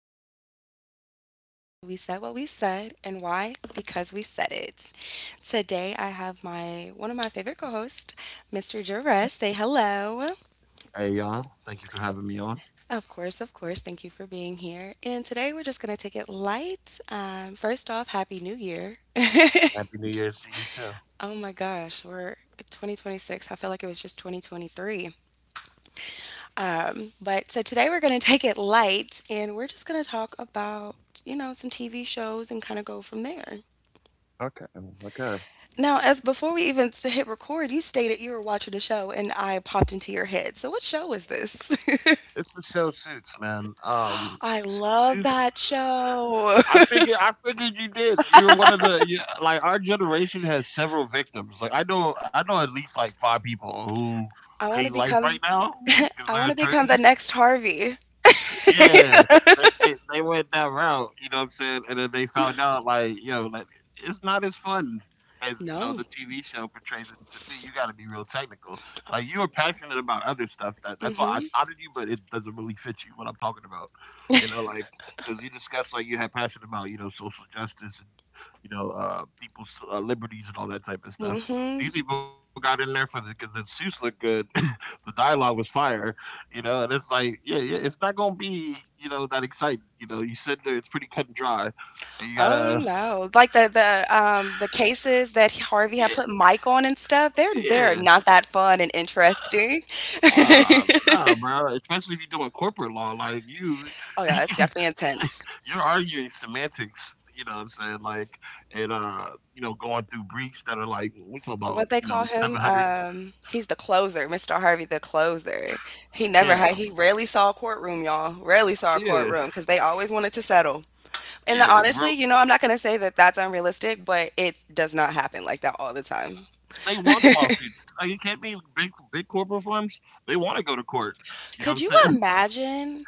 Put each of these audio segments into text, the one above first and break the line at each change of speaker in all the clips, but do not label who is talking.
princess. But welcome back to We Said What We Said. And why? Because we said it. Today, I have my one of my favorite co-hosts, Mr. Jerez. Say hello.
Hey, y'all. Thank you for having me on.
Of course, of course. Thank you for being here. And today, we're just gonna take it light. First off, Happy New Year.
Happy New Year's to you, too.
Oh my gosh, we're 2026. I feel like it was just 2023. But so today we're going to take it light, and we're just going to talk about, you know, some TV shows and kind of go from there.
Okay. Okay.
Now, as before we even hit record, you stated you were watching a show and I popped into your head. So, what show is this?
It's the show Suits, man.
I love
Suits.
that show.
I figured. I figured you did. You're one of the you, like our generation has several victims. Like I know. I know at least like five people who
I want
hate
to
life right
become
now because
I
they're
want to become the
attorneys.
next Harvey.
Yeah, they went that route, you know what I'm saying? And then they found out like, yo, like it's not as fun as, you know,
No.
the TV show portrays it to be. You gotta be real technical. Like you are passionate about other stuff. That's why I thought of you, but it doesn't really fit you what I'm talking about. You know, like because you discussed like you had passion about, you know, social justice and you know, people's liberties and all that type of stuff.
Mhm.
These people got in there for the because the suits looked good, the dialogue was fire, you know, and it's like, yeah, yeah, it's not gonna be, you know, that exciting. You know, you sit there, it's pretty cut and dry, and you
Oh
gotta,
no. Like the cases that Harvey had
yeah,
put Mike on and stuff, they're
yeah,
not that fun and interesting.
nah, nah, bro. Especially if you're doing corporate law, like you,
Oh yeah, it's definitely intense.
you're arguing semantics. You know what I'm saying? Like, and you know, going through briefs that are like, we talking about,
What they
you
call
know,
him,
700.
he's the closer, Mr. Harvey the closer. He never
Yeah,
had he rarely saw a courtroom, y'all. Rarely saw a
yeah,
courtroom because they always wanted to settle. And
yeah,
honestly,
bro.
you know, I'm not gonna say that that's unrealistic, but it does not happen like that all the time.
They want lawsuits. Are you can't be big, big corporate firms. They want to go to court. You know
Could
what
you
I'm saying?
imagine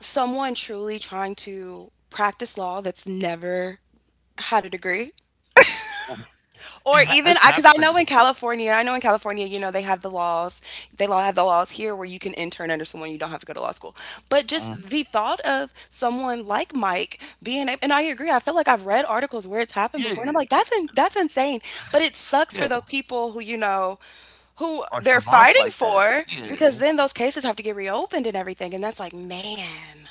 someone truly trying to practice law that's never had a degree? Or even,
It's
I because I
happened.
know in California, you know, they have the laws, they law have the laws here where you can intern under someone, you don't have to go to law school. But
Mhm.
just the thought of someone like Mike being, and I agree, I feel like I've read articles where it's happened
Yeah,
before, and
yeah,
I'm like, that's insane. But it sucks for
yeah,
those people who, you know, who
are
they're
savants
fighting
like that.
for,
Yeah,
because then those cases have to get reopened and everything, and that's like, man.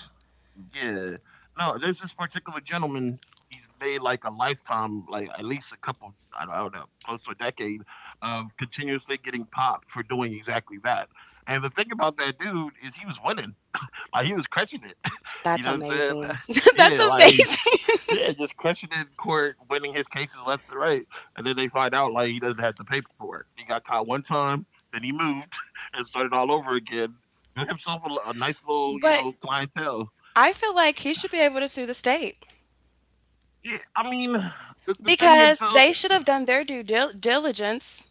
yeah. No, there's this particular gentleman, he's made, like, a lifetime, like, at least a couple I don't know, close to a decade of continuously getting popped for doing exactly that, and the thing about that dude is he was winning, like, he was crushing it, you
That's
know what I'm saying?
amazing. That's
Yeah, like
amazing.
yeah, just crushing it in court, winning his cases left and right, and then they find out like he doesn't have the paperwork. He got caught one time, then he moved and started all over again. Got himself a nice little, you know,
But
clientele.
I feel like he should be able to sue the state
Yeah, I mean, the thing is
because
though.
they should have done their due diligence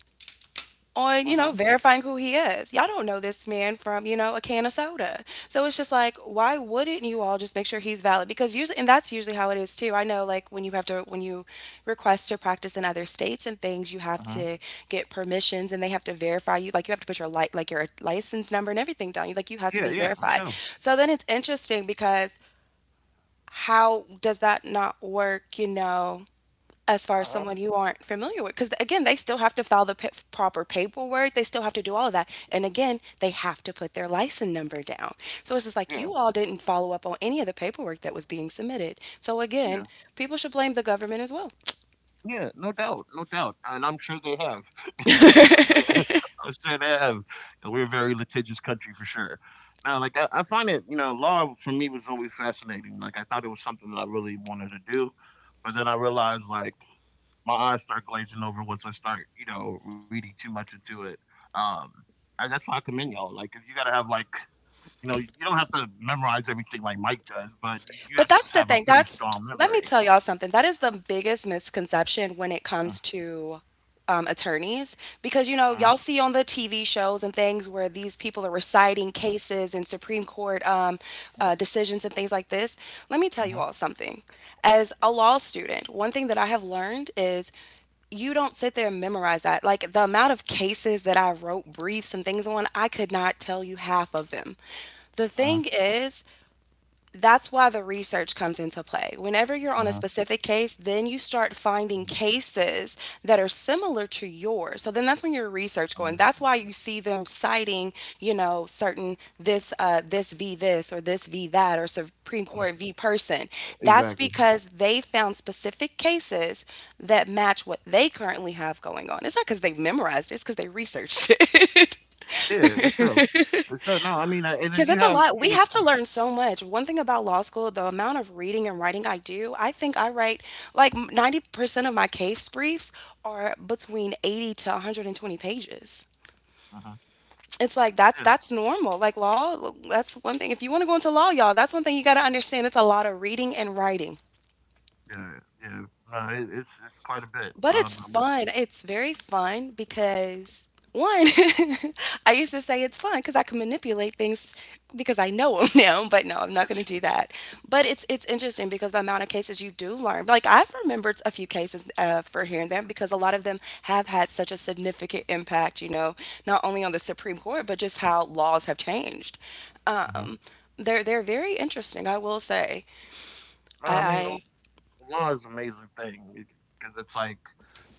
Uh
on, you
huh.
know, verifying who he is. Y'all don't know this man from, you know, a can of soda. So it's just like, why wouldn't you all just make sure he's valid? Because usually, and that's usually how it is too. I know, like, when you have to, when you request to practice in other states and things, you
Uh
have
huh.
to get permissions and they have to verify you. Like, you have to put your your license number and everything down. You have to
Yeah,
be
yeah, for
verified.
sure.
So then it's interesting because how does that not work, you know? As far
Uh
as someone
huh.
you aren't familiar with, because again they still have to file the proper paperwork, they still have to do all of that, and again they have to put their license number down. So it's just like
Yeah,
you all didn't follow up on any of the paperwork that was being submitted. So again,
yeah.
people should blame the government as well.
Yeah, no doubt, no doubt, and I'm sure they have because I'm sure they have. And we're a very litigious country for sure. Now, like I find it, you know, law for me was always fascinating. Like I thought it was something that I really wanted to do, but then I realized like my eyes start glazing over once I start, you know, reading too much into it. Um, and that's why I commend y'all. Like if you got to have like, you know, you don't have to memorize everything like Mike does, but you have
But that's
to
the
have a
thing.
pretty
That's,
strong
let me
memory.
tell y'all something. That is the biggest misconception when it
Mm,
comes to attorneys, because you
mhm,
know y'all see on the TV shows and things where these people are reciting cases and Supreme Court
mm,
decisions and things like this. Let me tell you
mhm,
all something. As a law student, one thing that I have learned is you don't sit there and memorize that. Like the amount of cases that I wrote briefs and things on, I could not tell you half of them. The
mhm,
thing is, that's why the research comes into play. Whenever you're on a
mhm.
specific case, then you start finding cases that are similar to yours. So then that's when your research going.
Mhm.
That's why you see them citing, you know, certain this v this or this v that or Supreme Court v person. That's
Exactly.
because they found specific cases that match what they currently have going on. It's not because they memorized it, it's because they researched it.
Yeah, for sure. For sure. No, I mean, and then you
'Cause it's a
have,
lot.
you
We
know,
have to learn so much. One thing about law school, the amount of reading and writing I do, I think I write like 90% of my case briefs are between 80 to 120 pages.
hmm
It's like
yeah,
that's normal. Like law, that's one thing. If you want to go into law, y'all, that's one thing you got to understand. It's a lot of reading and writing.
yeah, yeah. No, it's quite a bit.
But it's fun. It's very fun because one, I used to say it's fun because I can manipulate things because I know them now, but no, I'm not going to do that. But it's interesting because the amount of cases you do learn. Like I've remembered a few cases for here and there because a lot of them have had such a significant impact, you know, not only on the Supreme Court, but just how laws have changed.
Hmm,
Um, they're very interesting, I will say.
no, I mean, the
I,
law is an amazing thing because it's like,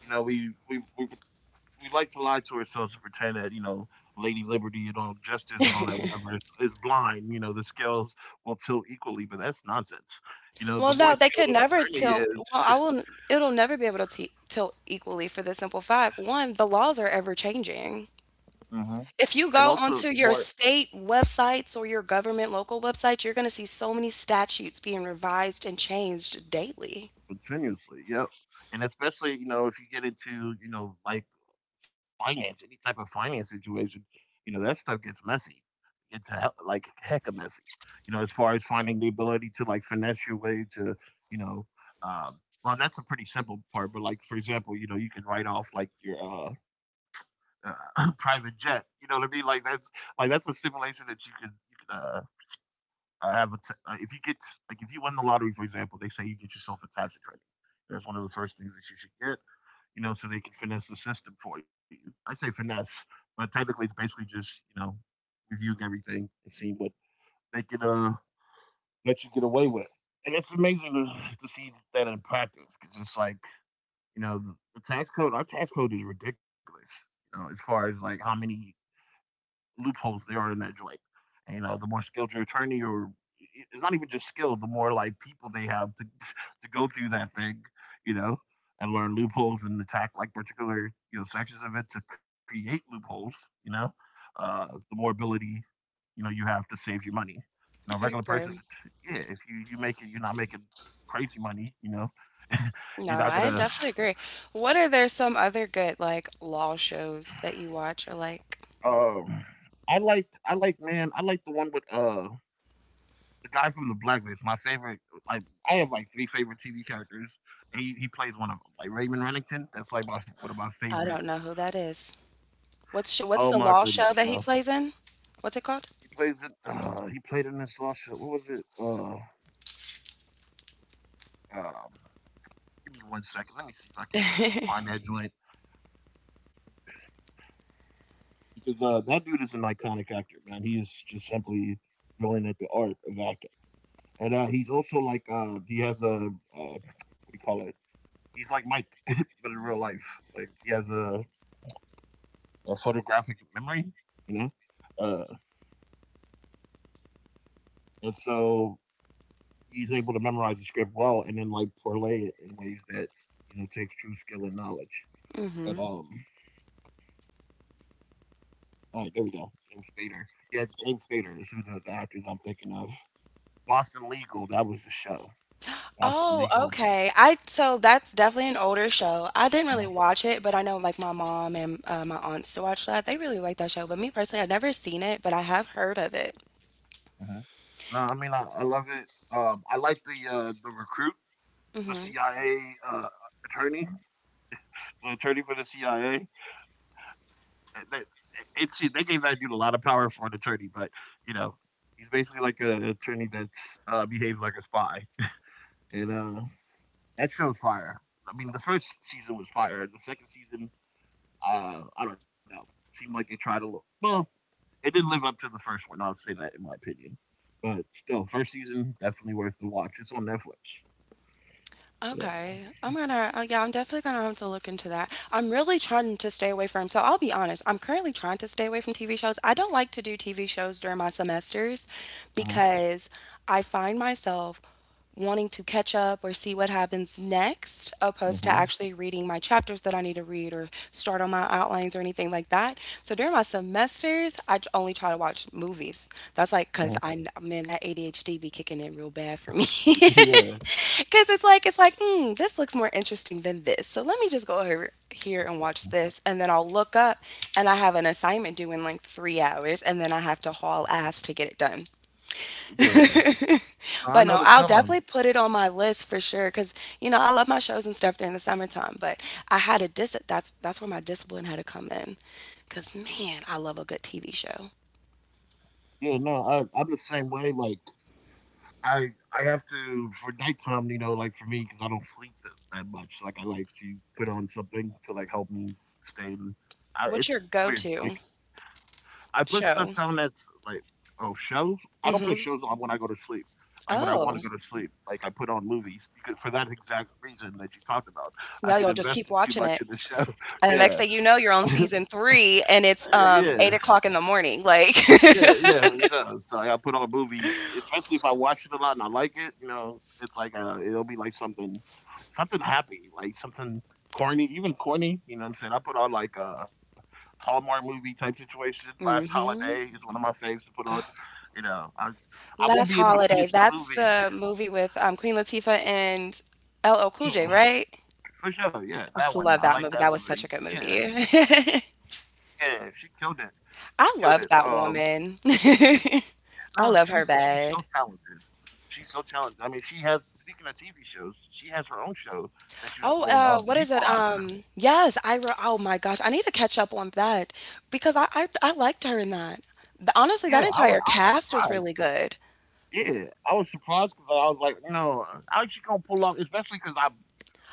you know, we like to lie to ourselves and pretend that you know, Lady Liberty and all justice and all that whatever is blind. You know, the scales will tilt equally, but that's nonsense. You know, the
Well,
more
no, they
skilled
could
an
never
attorney
tilt.
is,
It'll never be able to t tilt equally for the simple fact, one, the laws are ever changing.
hmm
If
and
you go
also the
onto
more
your state websites or your government local websites, you're going to see so many statutes being revised and changed daily.
continuously, yep. And especially, you know, if you get into, you know, like finance, any type of finance situation, you know, that stuff gets messy. Like heck of messy. You know, as far as finding the ability to like finesse your way to, you know, well, that's a pretty simple part. But like, for example, you know, you can write off like your uh, private jet. You know what I mean? Like that's a simulation that you can I have a t- if you get like if you win the lottery, for example, they say you get yourself a tax attorney. That's one of the first things that you should get, you know, so they can finesse the system for you. I say finesse, but technically it's basically just you know reviewing everything and seeing what they can let you get away with. And it's amazing to see that in practice because it's like you know the tax code. Our tax code is ridiculous. You know, as far as like how many loopholes there are in that joint. And, you know, the more skilled your attorney or it's not even just skilled, the more like people they have to to go through that thing, you know, and learn loopholes and attack like particular, you know, sections of it to create loopholes, you know, the more ability, you know, you have to save your money. You know,
I
regular person,
agree.
yeah, if you you make it, you're not making crazy money, you know, you're
No,
not
I
gonna.
definitely agree. What, are there some other good like law shows that you watch or like?
Um, I liked man, I liked the one with the guy from the Blacklist, my favorite. Like I have like three favorite TV characters. And he plays one of them, like Raymond Rennington. That's like my, one of my
I don't know
favorite.
who that is.
Oh
What's
my
sh what's the
goodness,
law
yo.
show that he plays in? What's it
He
called?
plays it. He played in this last show. What was it? Um, Give me one second. Let me see if I can find that joint because that dude is an iconic actor, man. He is just simply brilliant at the art of acting, and he's also like he has a what do you call it? He's like Mike, but in real life, like he has a photographic memory, you know. Uh, and so he's able to memorize the script well, and then like parlay it in ways that you know takes true skill and knowledge. But All right, there we go. James Spader. Yeah, it's James Spader is who the actors I'm thinking of. Boston Legal. That was the show. Boston
Oh,
Legal.
okay. I, so that's definitely an older show. I didn't really
Uh,
watch it, but I know like my mom and my aunts to watch that. They really like that show. But me personally, I've never seen it, but I have heard of it.
huh no, I mean I love it. I like the recruit, the CIA attorney, the attorney for the CIA. It's they gave that dude a lot of power for an attorney, but you know, he's basically like an attorney that behaves like a spy, and that show's fire. I mean, the first season was fire. The second season, I don't know, seemed like they tried a little. Well, it didn't live up to the first one. I'll say that in my opinion, but still, first season definitely worth the watch. It's on Netflix.
Okay. Yeah, I'm definitely gonna have to look into that. I'm really trying to stay away from, so I'll be honest, I'm currently trying to stay away from TV shows. I don't like to do TV shows during my semesters
Mm-hmm.
because I find myself wanting to catch up or see what happens next, opposed to
Mm-hmm.
actually reading my chapters that I need to read or start on my outlines or anything like that. So during my semesters, I only try to watch movies. That's like because man, that ADHD be kicking in real bad for me.
Yeah,
Because it's like this looks more interesting than this, so let me just go over here and watch this, and then I'll look up and I have an assignment due in like 3 hours, and then I have to haul ass to get it done.
yeah. I
But
know the
no, I'll
feeling.
definitely put it on my list for sure because you know I love my shows and stuff during the summertime. But I had a dis that's where my discipline had to come in, because man, I love a good TV show.
Yeah, no, I'm the same way. Like I I have to for nighttime, you know, like for me because I don't sleep that much. Like I like to put on something to like help me stay. In, I,
What's
it's
your
weird. Like
go-to
I put stuff down
show?
that's like oh shows. I don't put
Mm-hmm.
shows on when I go to sleep. Like when I want to
Oh,
go to sleep, like I put on movies because for that exact reason that you talked about, I
yeah,
get
y'all just keep
invested too
watching
much
it,
in the show.
and the next
Yeah,
thing you know, you're on season three, and it's
yeah.
8 o'clock in the morning. Like,
Yeah, yeah, so so I gotta put on movies, especially if I watch it a lot and I like it, you know, it's like, it'll be like something something happy, like something corny, even corny, you know what I'm saying? I put on like a Hallmark movie type situation, Last Holiday
hmm.
is one of my faves to put on, you know, I won't be
Last
able to finish
Holiday.
the
That's
movie.
the movie with Queen Latifah and LL Cool J,
Yeah,
right?
for sure, yeah,
I
that one,
love
I
that
like
movie,
that
that was such a
movie.
good
Yeah,
movie.
yeah, she killed it,
I love that woman. I
no,
love her
she's so
bad.
talented. She's so talented. I mean, she has. Speaking of TV shows, she has her own show that she was
Oh,
doing. The
what is it?
Equalizer.
Yes, Ira oh my gosh, I need to catch up on that because I liked her in that.
Yeah,
Honestly, that
I was.
entire cast
I,
was
was-
really good.
yeah, I was surprised because I was like, no, how's she gonna pull off? Especially because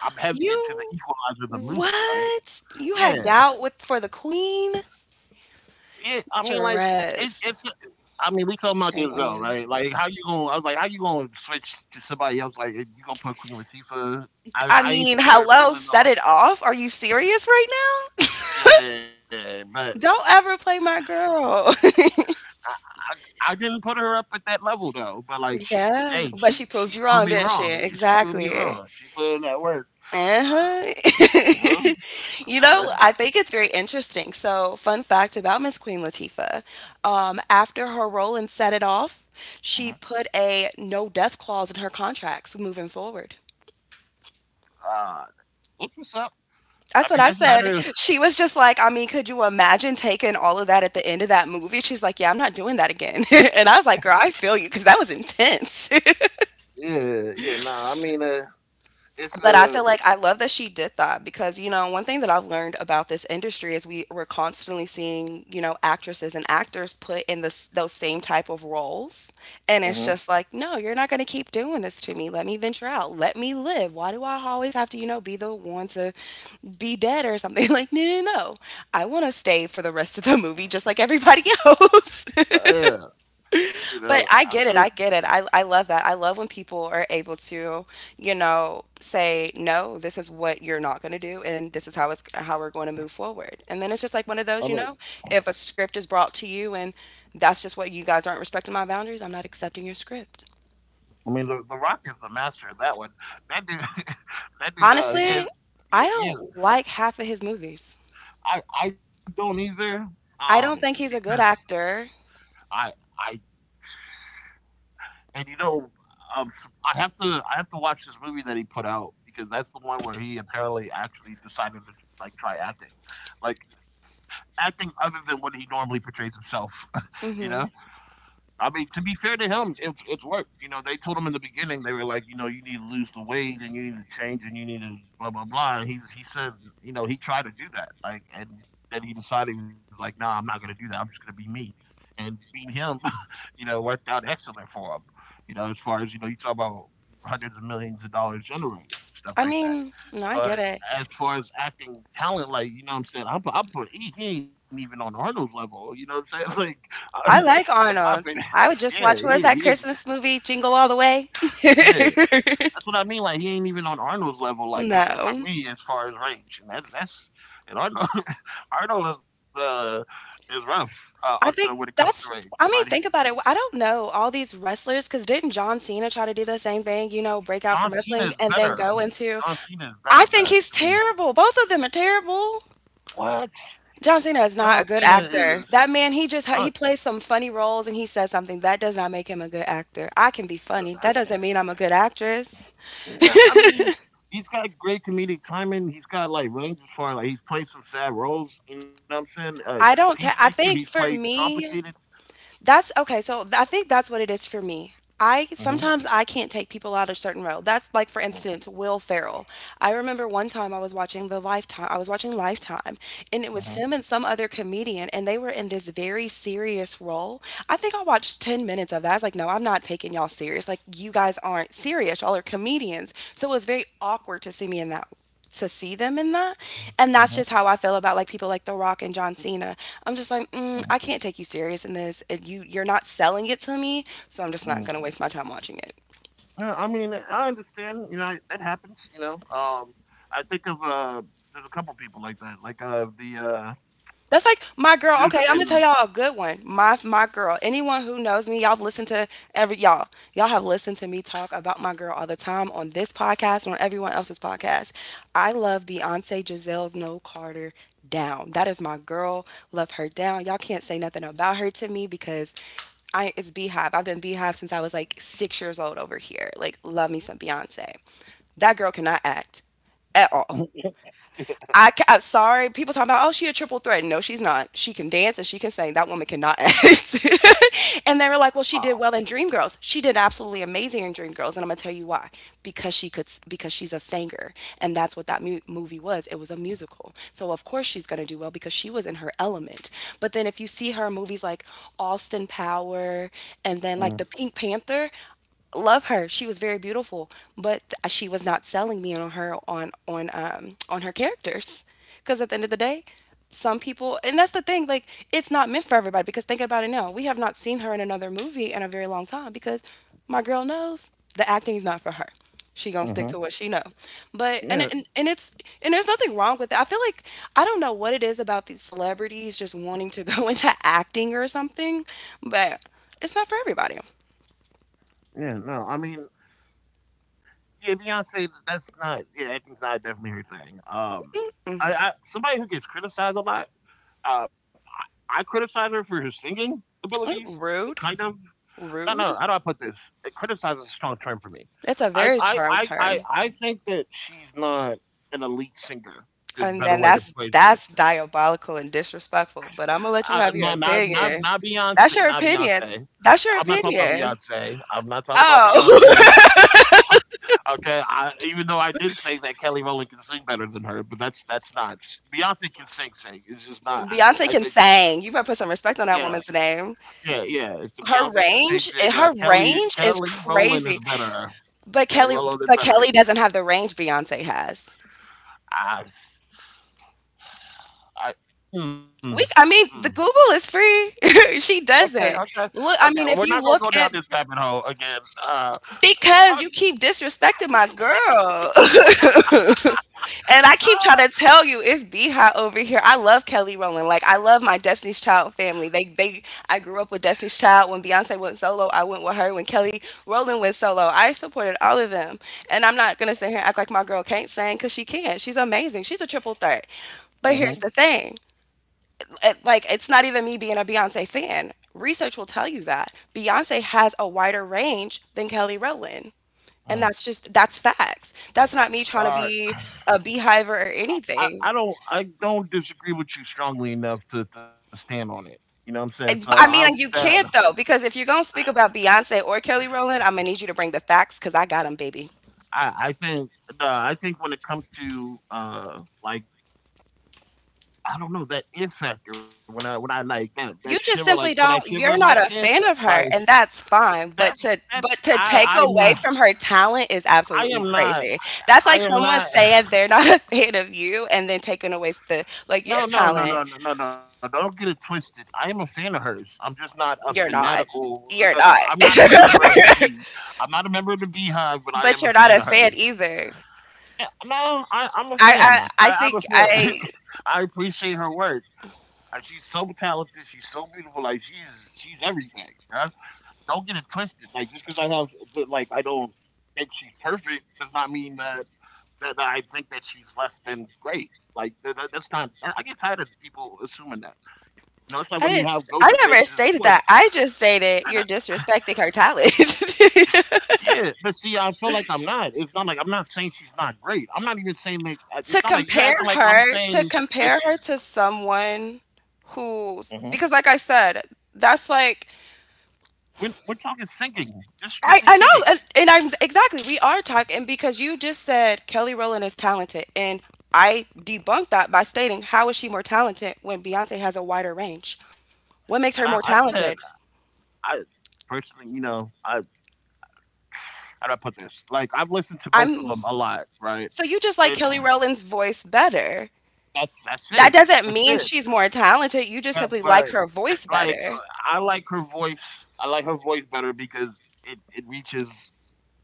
I'm heavy into The
You
Equalizer, the movie, right?
what? You had
Yeah,
doubt with for the queen?
yeah. I mean, like. It's.
Dress.
I mean, we talking about Denzel,
Shame on
right? Like,
you.
how you gonna? I was like, how you gonna switch to somebody else? Like, you gonna put Queen Latifah?
I
I ain't
mean,
see her
hello,
pulling
Set
off.
It Off. Are you serious right now?
Yeah, but
Don't ever play my girl.
I I didn't put her up at that level though, but like she,
Yeah,
hey,
but she
she
proved you
proved
wrong,
me
didn't she?
wrong. Yeah, she proved me
Exactly.
wrong. She put in that work. Uh, you
Uh-huh.
know,
You know,
man.
I think it's very interesting. So, fun fact about Miss Queen Latifah, after her role in Set It Off, she
Mhm.
put a no death clause in her contracts moving forward.
Uh, that's what's up.
That's
I
what
mean,
I
that's
said.
better.
She was just like, I mean, could you imagine taking all of that at the end of that movie? She's like, yeah, I'm not doing that again. And I was like, girl, I feel you because that was intense.
Yeah, yeah. Nah, I mean, it's
But I feel like I love that she did that because, you know, one thing that I've learned about this industry is we're constantly seeing, you know, actresses and actors put in this those same type of roles. And
mhm.
it's just like, no, you're not going to keep doing this to me. Let me venture out. Let me live. Why do I always have to, you know, be the one to be dead or something? Like, no, no, no. I want to stay for the rest of the movie just like everybody else.
But, yeah, you know,
But I
I, I
get it. I get it. I love that. I love when people are able to, you know, say, no, this is what you're not going to do, and this is how we're going to move forward. And then it's just like
I
one of
mean,
those, you know, if a script is brought to you and that's just what you guys aren't respecting my boundaries, I'm not accepting your script.
I mean, the Rock is the master of that one. That dude, that dude.
Honestly,
Yes,
I
yeah, yeah.
don't like half of his movies.
I don't either. Um,
I don't think he's a
because
good actor.
I and you know, um, I have to watch this movie that he put out because that's the one where he apparently actually decided to like try acting, like acting other than what he normally portrays himself, you
hmm
know. I mean, to be fair to him, it's work. You know, they told him in the beginning they were like, you know, you need to lose the weight and you need to change and you need to blah blah blah. And he said, you know, he tried to do that, like, and then he decided he was like, nah, I'm not gonna do that. I'm just gonna be me. And being him, you know, worked out excellent for him. You know, as far as you know, you talk about hundreds of millions of dollars generated stuff
I
like that.
mean, no, I
But
get it.
as far as acting talent, like you know, what I'm saying I put he ain't even on Arnold's level. You know what I'm saying? Like, I,
I like
in my opinion.
Arnold. I would
Yeah,
just watch,
yeah,
what is
yeah,
that Christmas movie, Jingle All the Way?
yeah. That's what I mean, like, he ain't even on Arnold's level, like, as for
No.
me, as far as range, and that's and Arnold Arnold is rough, also
I
when it
think
comes to range, but he's
think about it. I don't know all these wrestlers because 'cause didn't John Cena try to do the same thing, you know, break out from
John Cena
wrestling
is
and then go
better.
into
John Cena is
I
better,
think
better
he's
to me.
terrible. Both of them are terrible.
What?
John Cena
John
is not a
Cena
good
is
actor. That man, he
John
just ha he plays some funny roles and he says something. That does not make him a good actor. I can be funny. That doesn't mean I'm a good actress.
yeah, I mean, he's got great comedic timing, he's got, like, range as far like, he's played some sad roles, you know what I'm saying?
I don't ta
Peacemaker,
I
he's
think
played
for
complicated
me. That's okay. I think that's what it is for me. I
mhm,
sometimes I can't take people out of certain role. That's like for
mm,
instance Will Ferrell. I remember one time I was watching the Lifetime. I was watching Lifetime, and it was
mhm.
him and some other comedian, and they were in this very serious role. I think I watched 10 minutes of that. I was like, no, I'm not taking y'all serious. Like you guys aren't serious. Y'all are comedians. So it was very awkward to see them in that. And that's
Mhm,
just how I feel about like people like The Rock and John Cena. I'm just like,
mm,
mm, I can't take you serious in this. And you're not selling it to me, so I'm just not
mm.
gonna waste my time watching it.
Yeah, I mean, I understand, you know, that happens, you know. I think of there's a couple people like that. Like the
That's like my
dude
girl. Okay,
in
I'm gonna tell y'all a good one. My girl. Anyone who knows me, y'all have listened to every y'all. Y'all have listened to me talk about my girl all the time on this podcast and on everyone else's podcast. I love Beyonce Giselle's No Carter down. That is my girl. Love her down. Y'all can't say nothing about her to me because I it's Beehive. I've been Beehive since I was like 6 years old over here. Like love me some Beyonce. That girl cannot act at all.
mhm,
I am sorry. People talking about, oh, she a triple threat. No, she's not. She can dance and she can sing. That woman cannot act. And they were like, well, she
oh
did well in Dreamgirls. She did absolutely amazing in Dreamgirls, and I'm gonna tell you why. Because she's a singer, and that's what that movie was. It was a musical. So of course she's gonna do well because she was in her element. But then if you see her in movies like Austin Power, and then
mm,
like the Pink Panther, love her. She was very beautiful, but she was not selling me on her on her characters. Because at the end of the day, some people, and that's the thing, like it's not meant for everybody. Because think about it now, we have not seen her in another movie in a very long time. Because my girl knows the acting is not for her. She gonna stick
mhm.
to what she know. But and
Yeah,
and, and it's and there's nothing wrong with it. I feel like I don't know what it is about these celebrities just wanting to go into acting or something, but it's not for everybody.
yeah, no. I mean, yeah, Beyonce that's not yeah, acting's not definitely her thing. I somebody who gets criticized a lot, uh I criticize her for her singing abilities, kind
Rude.
of. No, no. How
Rude?
do I put this? Criticize is a strong term for me.
It's a
I,
very
I,
strong
I, I,
term.
I think that she's not an elite singer. Is a
And
better
then
way to
that's
phrase it.
that's diabolical and disrespectful, but I'm gonna let you
Not,
have your
not, not, not
opinion.
Beyonce.
That's
Not
your opinion.
Beyonce.
That's
I'm
your
not talking about
opinion.
Beyonce. I'm not talking about Beyonce.
Oh.
Okay. I, even though I did say that Kelly Rowland can sing better than her, but that's not Beyonce can sing. Sing. It's just not. I think.
Beyonce can sing. You better put some respect on
Yeah.
that woman's name.
Yeah. Yeah. It's the Beyonce
Her
can sing. Sing.
range,
But
her
Kelly
range is
Kelly Rowland is
crazy.
better.
But
Kelly
Kelly,
Rowland is
but
better.
Kelly doesn't have the range Beyonce has.
I I mm, mm.
The Google is free. She
Okay,
doesn't.
okay, okay.
Look, I
Well, we're
mean,
not
if
gonna
you
go
look
down this
at.
rabbit hole again. Uh, oh,
Because you
yeah,
keep disrespecting my girl. And I keep trying to
ah,
tell you it's B hot over here. I love Kelly Rowland. Like I love my Destiny's Child family. They I grew up with Destiny's Child. When Beyonce went solo, I went with her. When Kelly Rowland went solo, I supported all of them. And I'm not gonna sit here and act like my girl can't sing because she can. She's amazing. She's a triple threat. But here's
mhm,
the thing. Like it's not even me being a Beyonce fan. Research will tell you that. Beyonce has a wider range than Kelly Rowland. And
mm.
that's just that's facts. That's not me trying to
All right.
be a beehiver or
I,
anything.
I don't I don't disagree with you strongly enough to stand on it. You know what I'm saying? So
I
I'll
I
leave
mean, you
that.
can't though, because if you're gonna speak about Beyonce or Kelly Rowland, I'm gonna need you to bring the facts because I got them, baby.
I I think I think when it comes to like I don't know that it factor when I like that
You
shiver like
just
feel that
simply don't.
shiver in my
You're not
skin
a fan of
like
her, and that's fine. But
that's
to
that's
but to
I
take
I'm
away
not
from her talent is
I
absolutely
am not
crazy. That's
I
like
am
someone
not
saying they're not a fan of you, and then taking away the like your
No, no, no,
talent.
no, no, no, no. Don't get it twisted. I am a fan of hers. I'm just not a
You're not.
fanatical. No,
You're
no.
not.
I'm not a member of the bee. I'm not a member of the beehive, but I
But
am a
you're not
fan
a
of
fan
hers.
either.
Yeah, no, I'm a
I,
fan.
I I
I'm a
think
fan.
I
I appreciate her work. She's so talented. She's so beautiful. Like she's everything. Bruh, don't get it twisted. Like just because I have like I don't think she's perfect does not mean that that I think that she's less than great. Like that's not. I get tired of people assuming that. You know, it's like when you
I
have
didn't
go debates
I
in
never
sports.
stated that. I just
And
stated you're disrespecting her talent.
yeah, but see, I feel like I'm not. It's not like I'm not saying she's not great. I'm not even saying that. I- It's
to
not like you're
compare
acting like I'm
her to
saying that
compare her
she's.
to someone
Mhm.
who's because like I said, that's like
We're talking singing, just strictly
I know,
singing.
and I'm exactly we are talking because you just said Kelly Rowland is talented and I debunked that by stating how is she more talented when Beyonce has a wider range?
And
What makes
I
her more
said,
talented?
I personally, you know, I how do I put this? Like I've listened to both of
I'm
them a lot, right?
So you just like
And
Kelly Rowland's voice better.
that's
That
it.
doesn't
That's
mean
it.
she's more talented,
But,
you just
but
simply like her
like
voice better.
I like her voice. I like her voice better because it reaches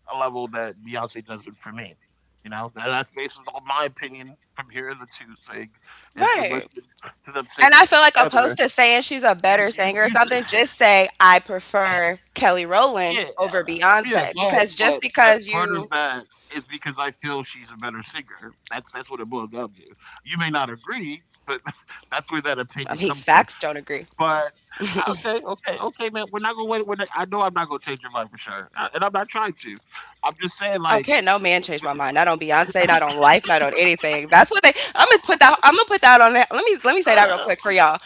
a level that Beyonce doesn't for me. You know, that's based on my opinion from hearing the two sing and from
Right,
listening to them sing
and I feel like
together.
opposed to saying
You
she's a
you
better
you s-
singer or something, just say, "I prefer Kelly
yeah,
Rowland over
yeah,
Beyoncé,"
but
because just
that
because
part of
you.
that is because I feel she's a better singer. That's what it boils down to. You may not agree, but that's where that
I
opinion
mean,
comes from.
facts don't agree.
But okay, okay, okay, man. We're not gonna wait. We're not, I know I'm not gonna change your mind for sure, and I'm not trying to. I'm just saying, like,
Okay, no man changed my mind. Not on Beyonce, not on life, not on anything. That's what they. I'm gonna put that. I'm gonna put that on. Let me say that real quick for y'all.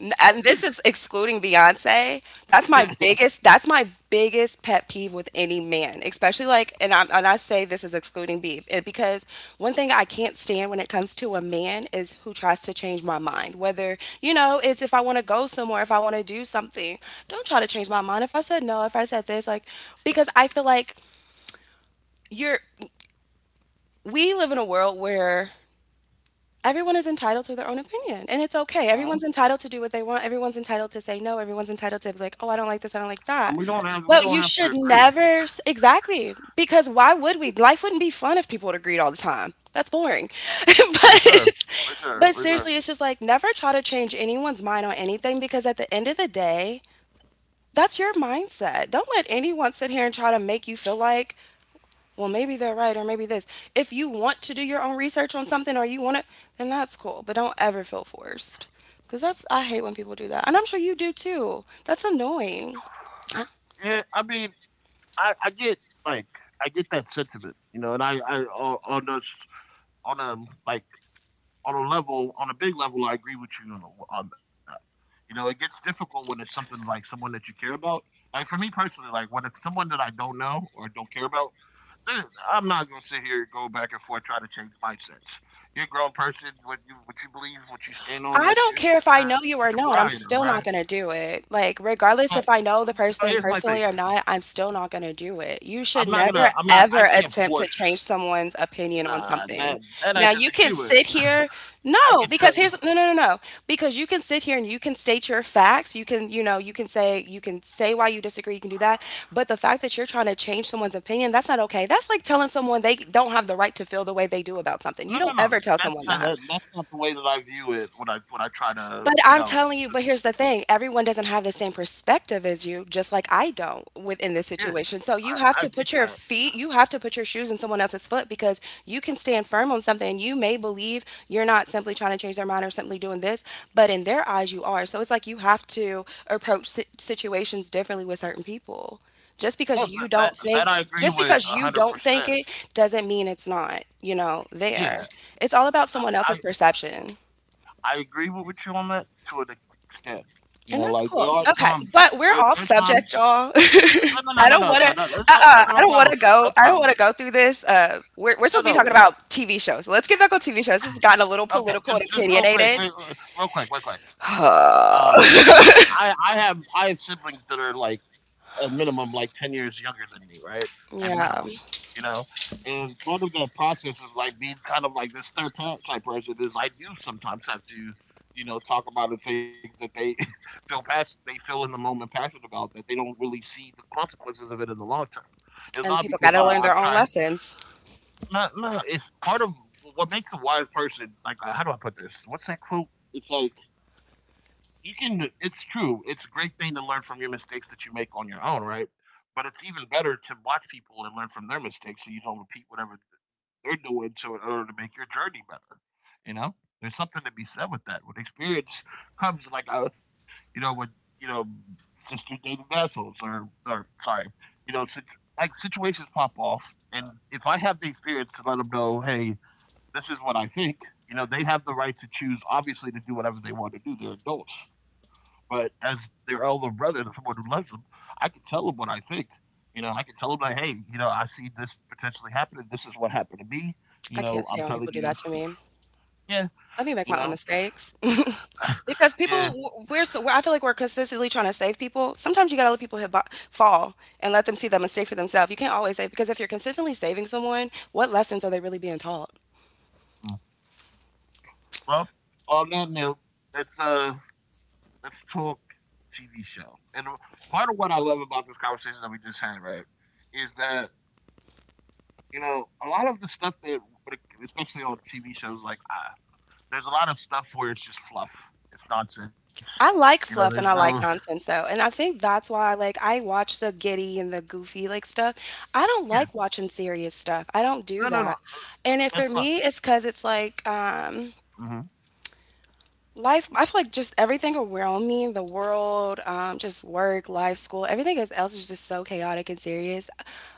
And this is excluding Beyonce. That's my biggest. That's my biggest pet peeve with any man, especially like. And I say this is excluding beef eh, because one thing I can't stand when it comes to a man is who tries to change my mind. Whether you know, it's if I want to go somewhere, if I want to do something, don't try to change my mind. If I said no, if I said this, like because I feel like you're we live in a world where everyone is entitled to their own opinion and it's okay.
uh
Everyone's entitled to do what they want. Everyone's entitled to say no. Everyone's entitled to be like, "Oh, I don't like this. I don't
and
like that."
we don't have
But
to
you should
agree
never exactly because why
for
would we? Life wouldn't be fun if people would agreed all the time. That's boring. but
sure, for sure,
but
for sure.
seriously, it's just like never try to change anyone's mind on anything because at the end of the day, that's your mindset. Don't let anyone sit here and try to make you feel like well, maybe they're right or maybe this. If you want to do your own research on something or you want it, then that's cool. But don't ever feel forced. Because that's, I hate when people do that. And I'm sure you do too. That's annoying. I
Yeah, I mean, I get like I get that sentiment, you know, and I on a like on a level on a big level, I agree with you on that. You know, it gets difficult when it's something like someone that you care about. Like for me personally, like when it's someone that I don't know or don't care about, then I'm not gonna sit here and go back and forth trying to change mindsets. You're a grown person. What you believe, what you stand on,
I don't
that's your
care if I
that's
know
a
you or
prerogative,
not, I'm
right?
still not gonna do it. Like,
But,
regardless if I know the
but here's
person
my thing.
personally or not, I'm still not gonna do it. You
I'm
should
not
never,
gonna. I'm not. I
ever
can't
attempt to
force
change someone's opinion on
nah,
something.
that I
Now, you can
disagree with.
sit here
I
no,
can
because
tell.
here's no. Because you can sit here and you can state your facts. You can, you know, you can say why you disagree, you can do that. But the fact that you're trying to change someone's opinion, that's not okay. That's like telling someone they don't have the right to feel the way they do about something. You
No, no,
don't ever
no.
tell
That's
someone
not
that.
that's not the way that I view it when I try to
But
you
I'm
know.
telling you
to-
but here's the thing, everyone doesn't have the same perspective as you, just like I don't within this
Yeah,
situation. So
I get that.
you have to put your shoes in someone else's foot because you can stand firm on something and you may believe you're not simply trying to change their mind or simply doing this, but in their eyes you are. So it's like you have to approach si situations differently with certain people. Just
No,
because you
that,
don't
that I
think
agree
just
with a
because you
hundred
don't think
percent.
it doesn't mean it's not there.
Yeah,
It's all about someone
I
else's perception.
I agree with you on that to an extent. You know,
And
like there
that's
are
cool. Okay,
times
but we're
there are
off
times.
subject, y'all.
No, no, no, no,
I don't
no,
want
no,
to.
no. That's no, no,
Uh-uh,
no, no
I don't want
problem.
to go.
No
I don't want
problem.
to go through this. We're
No,
supposed to be talking
no.
about TV shows. So let's get back on TV shows. This has gotten a little
Okay,
political and
just real quick,
opinionated.
wait, wait, real quick, real quick. Um, I have siblings that are like at minimum like 10 years younger than me, right? At minimum,
Yeah,
you know? And part of that process of like being kind of like this third type person is I do sometimes have to, you know, talk about the things that they feel passionate, they feel in the moment passionate about that they don't really see the consequences of it in the long term. It's
and
not
people
because
got to learn
I'm
their own
trying,
lessons.
no, no, it's part of what makes a wise person, like, how do I put this? What's that quote? It's like, you can it's true. It's a great thing to learn from your mistakes that you make on your own, right? But it's even better to watch people and learn from their mistakes so you don't repeat whatever they're doing to in order to make your journey better. You know? There's something to be said with that. When experience comes like you know, when you know, sister dating assholes or sorry, you know, like situations pop off and if I have the experience to let them know, hey, this is what I think. You know, they have the right to choose, obviously, to do whatever they want to do. They're adults. But as their elder brother, the someone who loves them, I can tell them what I think. You know, I can tell them like, hey, you know, I see this potentially happening. This is what happened to me. You
I can't
know, I'm
stand when people
telling
do that
you,
to me.
yeah,
Let me make
you
my own
know,
mistakes. Because people
yeah.
w we're so I feel like we're consistently trying to save people. Sometimes you gotta let people hit bo fall and let them see that mistake for themselves. You can't always save because if you're consistently saving someone, what lessons are they really being taught?
Mm. Well, on that note, let's uh, let's talk TV show. And part of what I love about this conversation that we just had, right, is that you know, a lot of the stuff that, like, especially on TV shows, there's a lot of stuff where it's just fluff. It's nonsense.
I
You know,
like
there's
fluff and
no,
I like nonsense though. And I think that's why like I watch the giddy and the goofy like stuff. I don't
yeah,
like watching serious stuff. I don't do
no, no, no,
that.
no,
And it for
that's not.
me it's because it's like
Hmm.
life, I feel like just everything around me, the world, just work, life, school, everything else is just so chaotic and serious.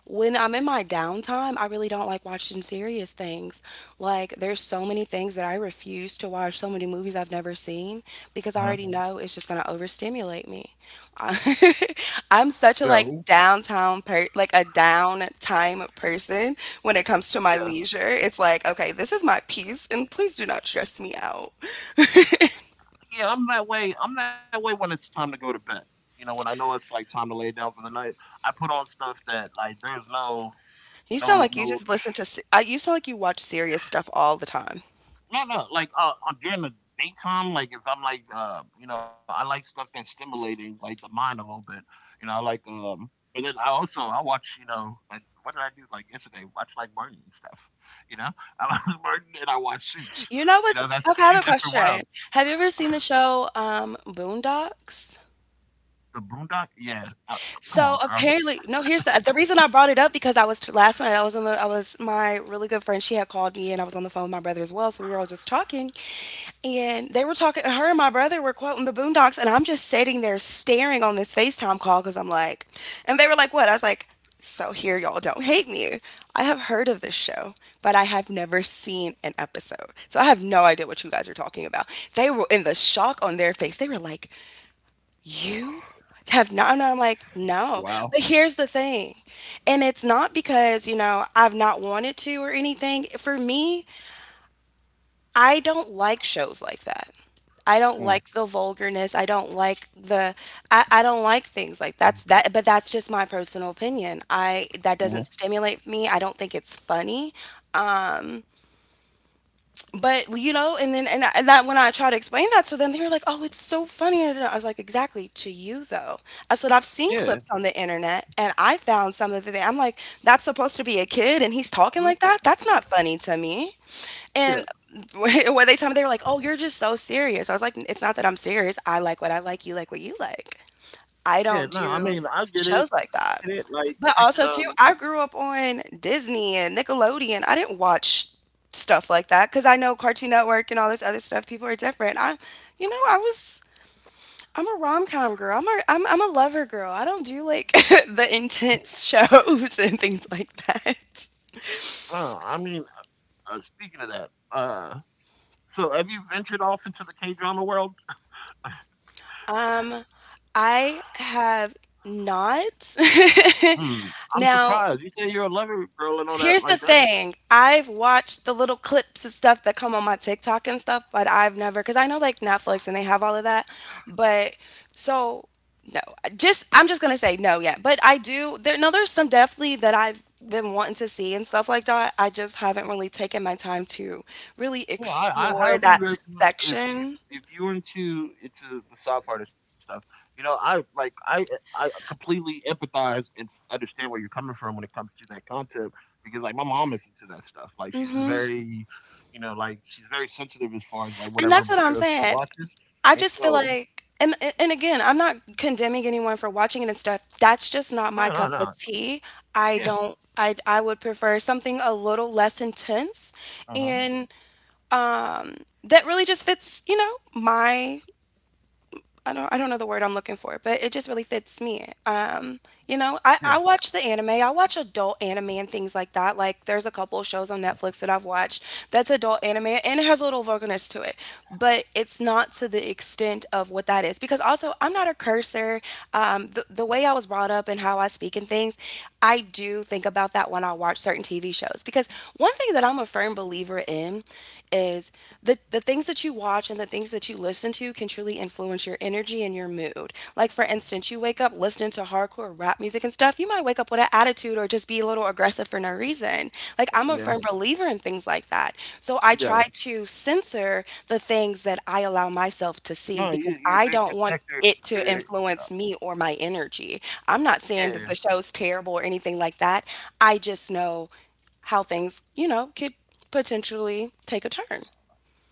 When I'm in my downtime, I really don't like watching serious things. Like there's so many things that I refuse to watch, so many movies I've never seen, because I
Uh,
already know it's just going to overstimulate me. I- I'm
yeah,
such a like like a downtime person. When it comes to my
yeah,
leisure, it's like, okay, this is my peace and please do not stress me out.
yeah. I'm that way. I'm that way when it's time to go to bed. You know, when I know it's like time to lay down for the night, I put on stuff that like there's no,
You sound
no,
like you
no
just listen to you sound like you watch serious stuff all the time.
No, no, like during the daytime, like if I'm like, you know, I like stuff that's stimulating like the mind a little bit. You know, I like, but then I also I watch, you know, like, what did I do like yesterday? Watch like Martin and stuff. You know, I watch Martin and I watch Suits.
You know
You
what's
know, that's
Okay, I have
two
a
different
question.
worlds.
Have you ever seen the show Boondocks?
The Boondock, yeah. Come on,
So,
girl.
apparently no, here's the reason I brought it up. Because I was last night, I was on the I was my really good friend, she had called me, and I was on the phone with my brother as well, so we were all just talking, and they were talking, her and my brother were quoting the Boondocks, and I'm just sitting there staring on this FaceTime call, because 'cause I'm like, and they were like, "What?" I was like, "So here, y'all don't hate me. I have heard of this show, but I have never seen an episode. So I have no idea what you guys are talking about." They were in the shock on their face. They were like, you have not, and I'm like,
Wow.
"No." But here's the thing, and it's not because, you know, I've not wanted to or anything. For me, I don't like shows like that. I don't
Mm.
like the vulgarness. I don't like the I don't like things like that's that but that's just my personal opinion. I That
Mm-hmm.
doesn't stimulate me. I don't think it's funny. Um, but you know, and then and, I, and that when I tried to explain that to them, they were like, "Oh, it's so funny." And I was like, "Exactly, to you though." I said, "I've
Yeah.
seen clips on the internet, and I found some of the I'm like, that's supposed to be a kid, and he's
I
talking
mean,
like that. That's not funny to me."
yeah.
And when they told me, they were like, "Oh, you're just so serious." I was like, "It's not that I'm serious. I like what I like. You like what you like."
Yeah.
I
No, I
don't
mean,
do
I get it.
shows like
I get
that.
it. Like
But
freaking
also too, I grew up on Disney and Nickelodeon. I didn't watch stuff like that, because I know Cartoon Network and all this other stuff, people are different. I I was I'm a rom-com girl. I'm a lover girl. I don't do like the intense shows and things like that.
Uh, I mean, speaking of that, so, have you ventured off into the K-drama world?
Um, I have not.
Mm, I'm
Now
surprised. You say you're a lover girl and all that.
Here's the
Like that's
thing, I've watched the little clips and stuff that come on my TikTok and stuff, but I've never never, cause I know, like, Netflix and they have all of that, but so, no, just I'm just gonna say no yet, but I do there no, there's some definitely that I've been wanting to see and stuff like that, I just haven't really taken my time to really
yeah. I
explore
highly
that
recommend if if
section.
if you're into the soft hearted stuff. You know, I like I completely empathize and understand where you're coming from when it comes to that concept because like my mom is into that stuff. Like she's a
Mhm,
very you know like she's very sensitive as far as like
and
whatever
that's what I'm
material she
saying.
watches,
I
and
just feel
so
like, and again, I'm not condemning anyone for watching it and stuff. That's just
no
not
no
my cup
no
of tea. I
yeah
don't. I would prefer something a little less intense,
uh huh
and that really just fits, you know, my I don't know the word I'm looking for, but it just really fits me. You know,
yeah
I watch the anime. I watch adult anime and things like that. Like there's a couple of shows on Netflix that I've watched that's adult anime, and it has a little vulgarness to it, but it's not to the extent of what that is. Because also I'm not a cursor. The way I was brought up and how I speak and things, I do think about that when I watch certain TV shows. Because one thing that I'm a firm believer in is the things that you watch and the things that you listen to can truly influence your energy and your mood. Like, for instance, you wake up listening to hardcore rap music and stuff, you might wake up with an attitude or just be a little aggressive for no reason. Like, I'm a
yeah
firm believer in things like that. So I
yeah.
try to censor the things that I allow myself to see,
No, you
because
you're a
I
big
don't want it
protector.
to influence me or my energy. I'm not
Yeah,
saying that the show's terrible or anything like that. I just know how things, you know, could potentially take a turn.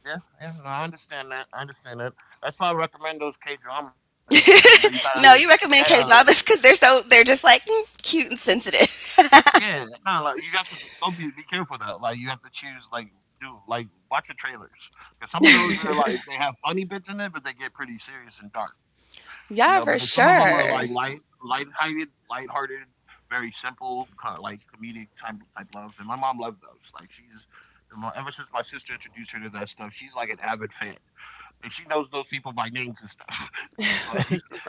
yeah, yeah. No, I understand that. I understand that. That's why I recommend those K dramas to you. You know, you gotta,
No,
you
you
gotta
recommend K dramas because they're so they're just like mm, cute and sensitive.
Yeah, no, like you have to don't be careful though. Like you have to choose like do like watch the trailers because some of those are like they have funny bits in it, but they get pretty serious and dark, you know. But then
Yeah,
some
for
of them are like
sure.
light, light-hearted, light-hearted, very simple, kind of like comedic type love. And my mom loved those. Like ever since my sister introduced her to that stuff, she's like an avid fan. And she knows those people by names and stuff. Like, so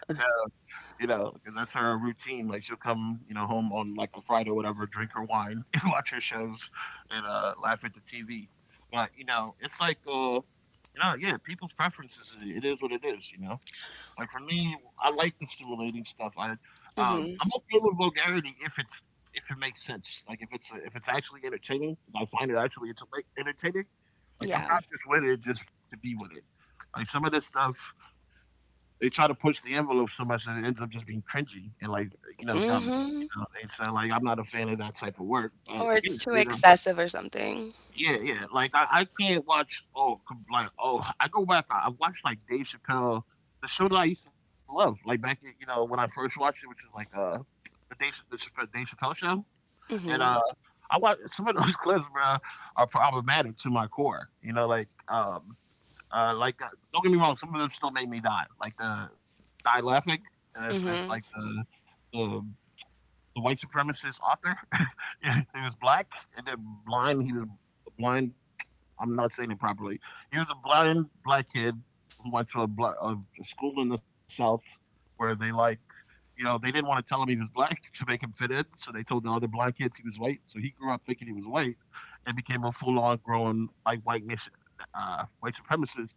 you know, because that's her routine. Like she'll come, you know, home on like a Friday or whatever, drink her wine and watch her shows and laugh at the TV. But you know, it's like, you know, yeah, people's preferences. It is what it is. You know, like for me, I like the stimulating stuff. I'm
Hmm.
okay with vulgarity if it makes sense. Like if it's actually entertaining, if I find it entertaining, like I'm
Yeah.
not just with it just to be with it. Like some of this stuff they try to push the envelope so much that it ends up just being cringy and like you know dumb.
Hmm.
You know, and so like I'm not a fan of that type of work.
Or
But
it's
yeah,
too
you know,
excessive or something.
yeah, yeah. Like I can't watch I go back. I've watched like Dave Chappelle, the show that I used to love. Like you know when I first watched it, which is like the Chappelle, Dave Chappelle show. And
Hmm.
I watch some of those clips, bro, are problematic to my core. You know, like uh, like, uh, don't get me wrong, some of them still made me die. Like the die laughing. And it's like
Hmm.
the the white supremacist author. He was black and then blind. He was blind. I'm not saying it properly. He was a blind black kid who went to a school in the South where they like, you know, they didn't want to tell him he was black to make him fit in. So they told the other blind kids he was white. So he grew up thinking he was white and became a full on grown like white supremacist,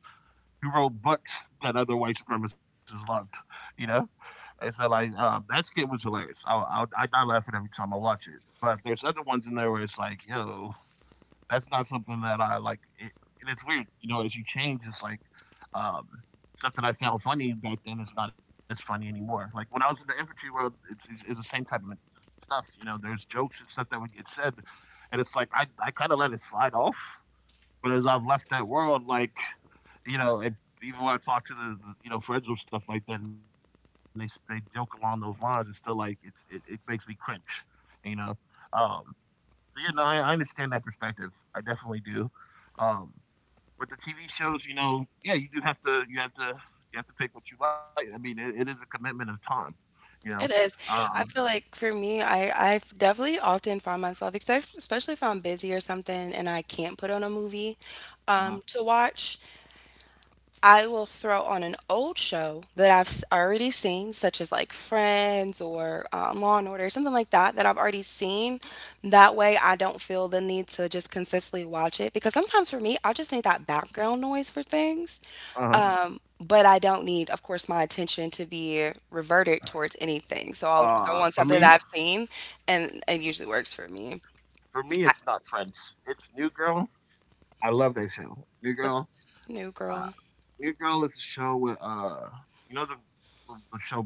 who wrote books that other white supremacists loved, you know? And so, like, that skit was hilarious. I die laughing every time I watch it. But there's other ones in there where it's like, yo, that's not something that I like. And it's weird, you know, as you change, it's like um, stuff that I found funny back then is not as funny anymore. Like when I was in the infantry world, it's the same type of stuff. You know, there's jokes and stuff that would get said. And it's like, I kind of let it slide off but as I've left that world, like, you know, and even when I talk to the you know friends or stuff like that, and they joke along those lines, it's still like it makes me cringe, you know. Um, so yeah, no, I understand that perspective. I definitely do. Um, but the TV shows, you know, yeah, you do have to you have to pick what you like. I mean, it is a commitment of time, you know.
It is.
Um,
I feel like for me, I I've definitely often found myself, except especially if I'm busy or something and I can't put on a movie
uh
to watch. I will throw on an old show that I've already seen, such as like Friends or Law and Order, something like that, that I've already seen. That way, I don't feel the need to just consistently watch it, because sometimes for me, I just need that background noise for things.
uh
But I don't need, of course, my attention to be reverted towards anything. So I'll
uh, for
throw on
me,
something that I've seen, and it usually works for me.
for me, it's not Friends. It's New Girl. I love that show. New Girl.
What's new, girl?
New Girl is a show with you know the show Bones.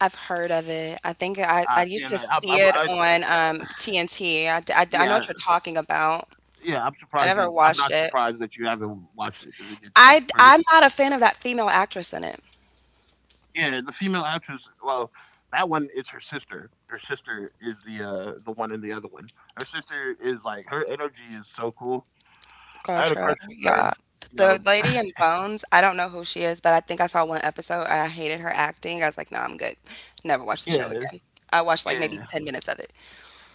I've heard of it. I
Yeah, man,
used to see it on TNT. I know
yeah,
what you're talking about.
yeah.
I never
I'm
watched
not
it.
surprised that you haven't watched it because it's pretty.
I'm not a fan of that female actress in it.
Yeah, the female actress. Well, that one is her sister. Her sister is the one in the other one. Her sister is like her energy is so cool. I had a
Gotcha.
crush on her.
Yeah.
You
The
know.
lady in Bones, I don't know who she is, but I think I saw one episode. I hated her acting. I was like, no, I'm good. Never watch the show
Yeah,
again. I watched like maybe
yeah.
10 minutes of it.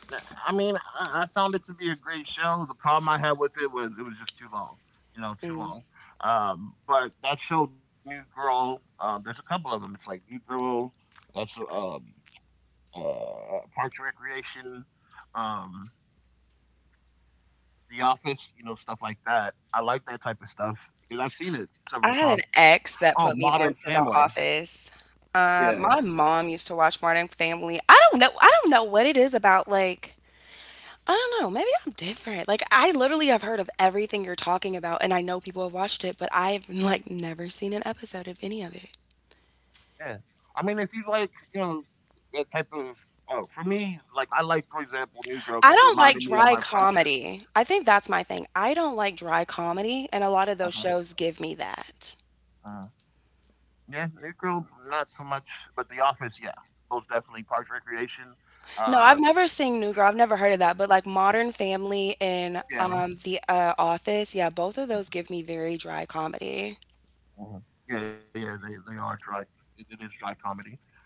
Nah, I mean, I found it to be a great show. The problem I had with it was just too long, you know, too
Mm.
long. But that show, New Girl, there's a couple of them. It's like New Girl, that's Parks and Recreation, um, The Office, you know, stuff like that. I like that type of stuff because I've seen it
I
several
had an
times.
ex
Oh,
that put
Modern
me onto
Family.
The Office.
Yeah.
My mom used to watch Modern Family. I don't know. I don't know what it is about like I don't know. Maybe I'm different. Like I literally have heard of everything you're talking about, and I know people have watched it, but I've like never seen an episode of any of it.
Yeah. I mean, if you like, you know, that type of, oh, for me, like, I like, for example, New Girl
I
because it
don't like
reminded me of
dry
my friendships.
comedy. I think that's my thing. I don't like dry comedy and a lot of those
Uh-huh.
shows give me that.
Uh, yeah, New Girl, not so much, but The Office, yeah. Most definitely Parks Recreation.
No,
Uh,
I've never seen New Girl. I've never heard of that, but like Modern Family and
yeah.
The Office, yeah, both of those give me very dry comedy.
Mhm. Yeah, yeah, they are dry. It is dry comedy.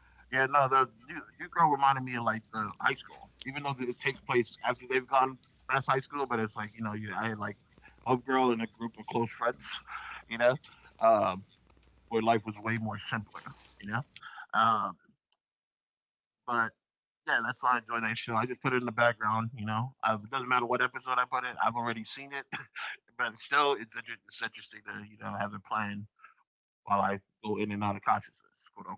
Yeah, no, the New Girl reminded me of, like, the high school, even though it takes place after they've gone past high school, but it's like, you know, you I had, like, a girl and a group of close friends, you know, um, where life was way more simpler, you know? Um, but, yeah, that's why I enjoy that show. I just put it in the background, you know? It doesn't matter what episode I put it. I've already seen it, but still, it's interesting to, you know, have it playing while I go in and out of consciousness, quote, unquote.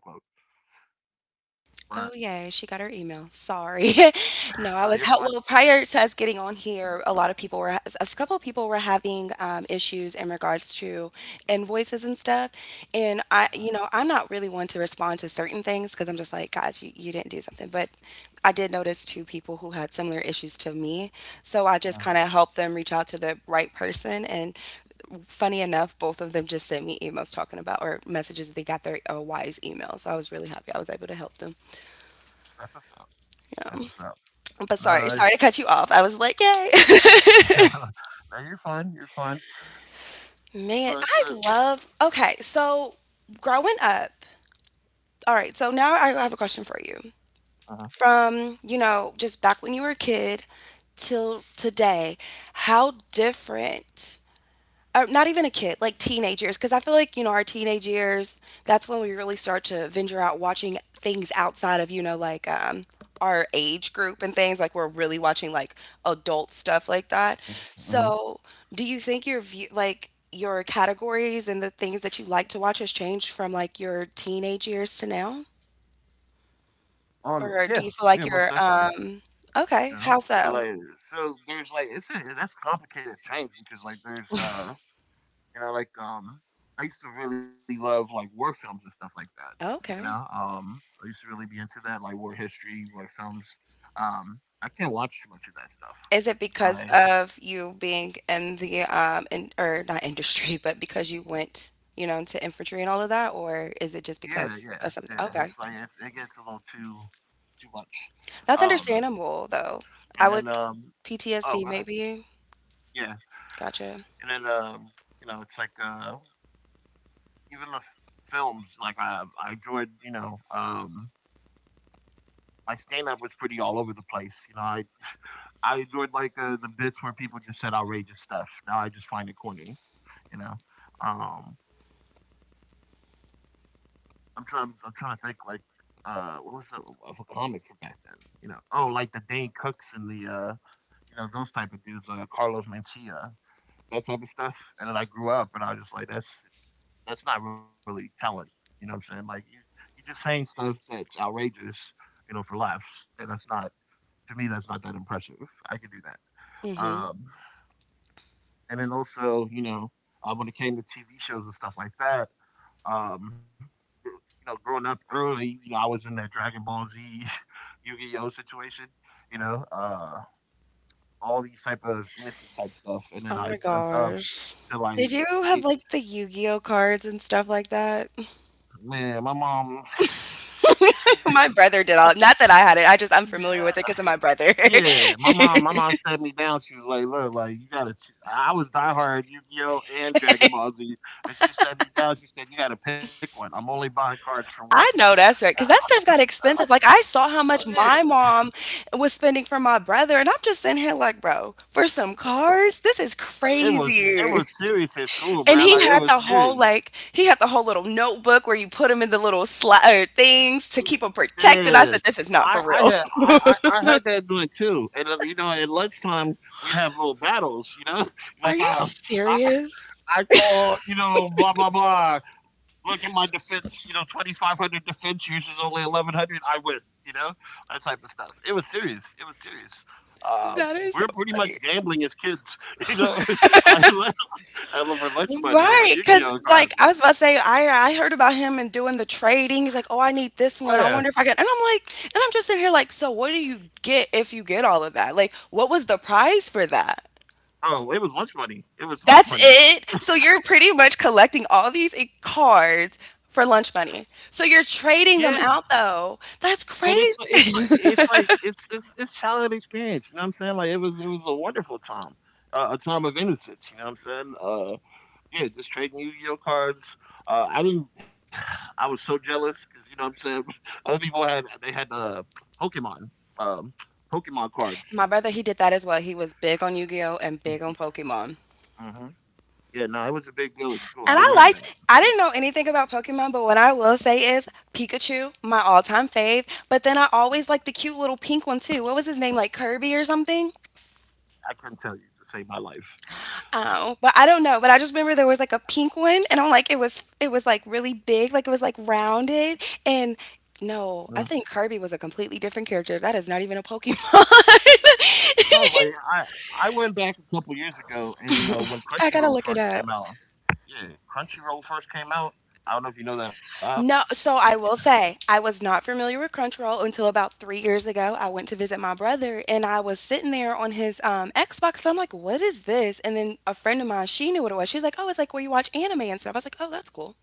But
Oh, yay, she got her email. Sorry. No,
no,
I
you're
was help.
fine.
Well, prior to us getting on here, a couple of people were having, issues in regards to invoices and stuff, and
Uh-huh.
I'm not really one to respond to certain things because 'cause I'm just like, "Guys, you didn't do something," but I did notice 2 people who had similar issues to me, so I just
Mhm.
kinda helped them reach out to the right person, and funny enough, both of them just sent me emails talking about or messages they got their, Wise email, so I was really happy I was able to help them.
That's what's up. That's
Yeah.
what's up.
But sorry,
No, it's
sorry to cut you off. I was like, yay.
no, you're fine. You're fine.
Man,
But so,
I love. Okay, so growing up, all right, so now I have a question for you.
uh
From, you know, just back when you were a kid till today, how different not even a kid, like teenage years, because I feel like, you know, our teenage years, that's when we really start to venture out watching things outside of, you know, our age group and things. Like, we're really watching like adult stuff like that.
hmm
So, do you think your view, like, your categories and the things that you like to watch has changed from like your teenage years to now?
yeah,
Or do you feel
yeah,
like
most definitely. You
okay,
know,
how
so
so?
like, so there's like, that's complicated change because like there's you know, like I used to really love like war films and stuff like that. You know,
Okay.
I used to really be into that, like war history, war films. I can't watch too much of that stuff.
Is it because
Like,
of you being in the in or not industry, but because you went, you know, into infantry and all of that, or is it just
yeah, yeah,
because of
yeah.
something?
It's like
Okay.
it gets a little too too much.
That's
Um,
understandable though. I
and
would
then oh,
PTSD
go ahead.
maybe.
Yeah,
Gotcha.
and then you know, it's like even the films. Like I enjoyed, you know, my stand up was pretty all over the place. You know, I enjoyed like the bits where people just said outrageous stuff. Now I just find it corny. You know, um, I'm trying to think like what was that of a comic from back then? You know, oh, like the Dane Cooks and the you know, those type of dudes like Carlos Mencia, that type of stuff. And then I grew up and I was just like, that's not really talent. You know what I'm saying? Like you're just saying stuff that's outrageous, you know, for laughs. And that's not to me that's not that impressive. I can do that.
Mm-hmm.
Um, and then also, you know, when it came to TV shows and stuff like that, um you know, growing up early, you know, I was in that Dragon Ball Z Yu-Gi-Oh situation, you know, all these type of innocent type stuff, and then
Oh
I
my
jumped up
gosh.
to
Did you have
like
like the Yu-Gi-Oh cards and stuff like that?
man, my mom, she, she
My brother did all. Not that I had it. I'm familiar with it because of my brother.
yeah, yeah, my mom sat me down. She was like, "Look, like you gotta." Ch-. I was diehard Yu Gi Oh and Dragon Ball Z, and she sat me down. She said, "You gotta pick one. I'm only buying cards for one."
I know that's right because that stuff got expensive, like, I saw
Uh,
how much
It
my mom was spending for my brother, and I'm just sitting here like, "Bro, for some cars? This is
it was it
crazy."
was serious at school,
And
bro.
he
Like it
had
was
the whole,
serious.
like he had the whole little notebook where you put them in the little sli things to keep them protected,
Yeah.
I said, "This is
I
not for
I had
real."
I had that doing too, and, you know, at lunchtime, we have little battles, you know?
Are
Like,
you
I
serious?
I call, you know, blah, blah, blah. Look at my defense, you know, 2,500 defense uses only 1,100. I win, you know? That type of stuff. It was serious. It was serious. Uh,
That
we're
is so
pretty much
funny.
gambling as kids, you know? Like, over lunch money, over
Right, because
Yu-Gi-Oh
like,
cards.
I was about to say, I heard about him and doing the trading, he's like, "Oh, I need
Oh,
this one,
yeah.
I wonder if I can," and I'm just sitting here like, "So what do you get if you get all of that? Like, what was the prize for that?"
Oh, it was lunch money. It was lunch
That's
money.
it? So you're pretty much collecting all these e cards for lunch money. So you're
Yeah.
trading them out, though. That's
But
crazy.
it's like it's childhood experience, you know what I'm saying? Like, it was a wonderful time, a time of innocence, you know what I'm saying? Yeah, just trading Yu-Gi-Oh cards. I didn't I was so jealous because you know what I'm saying, other people had they had, Pokemon, um, Pokemon cards.
My brother, he did that as well, he was big on Yu-Gi-Oh! And big on Pokemon.
Mhm. Yeah, no, it was a big deal at school, I
And I
remember that.
liked, I didn't know anything about Pokemon, but what I will say is Pikachu, my all time fave. But then I always liked the cute little pink one too. What was his name? Like Kirby or something?
I couldn't tell you to save my life.
Oh, but I don't know. But I just remember there was like a pink one, and I'm like, it was like really big, like it was like rounded. And
Mhm.
no, I think Kirby was a completely different character. That is not even a Pokemon.
No. I went back a couple years ago and, you know, when
I
Crunchyroll
gotta look
first
it
came
up.
out. Yeah, Crunchyroll first came out. I don't know if you know that app.
No,
You
so I will say I was not familiar with Crunchyroll until about 3 years ago. I went to visit my brother and I was sitting there on his Xbox. So I'm like, what is this? And then a friend of mine, she knew what it was. She's like, oh, it's like where you watch anime and stuff. I was like, oh, that's cool.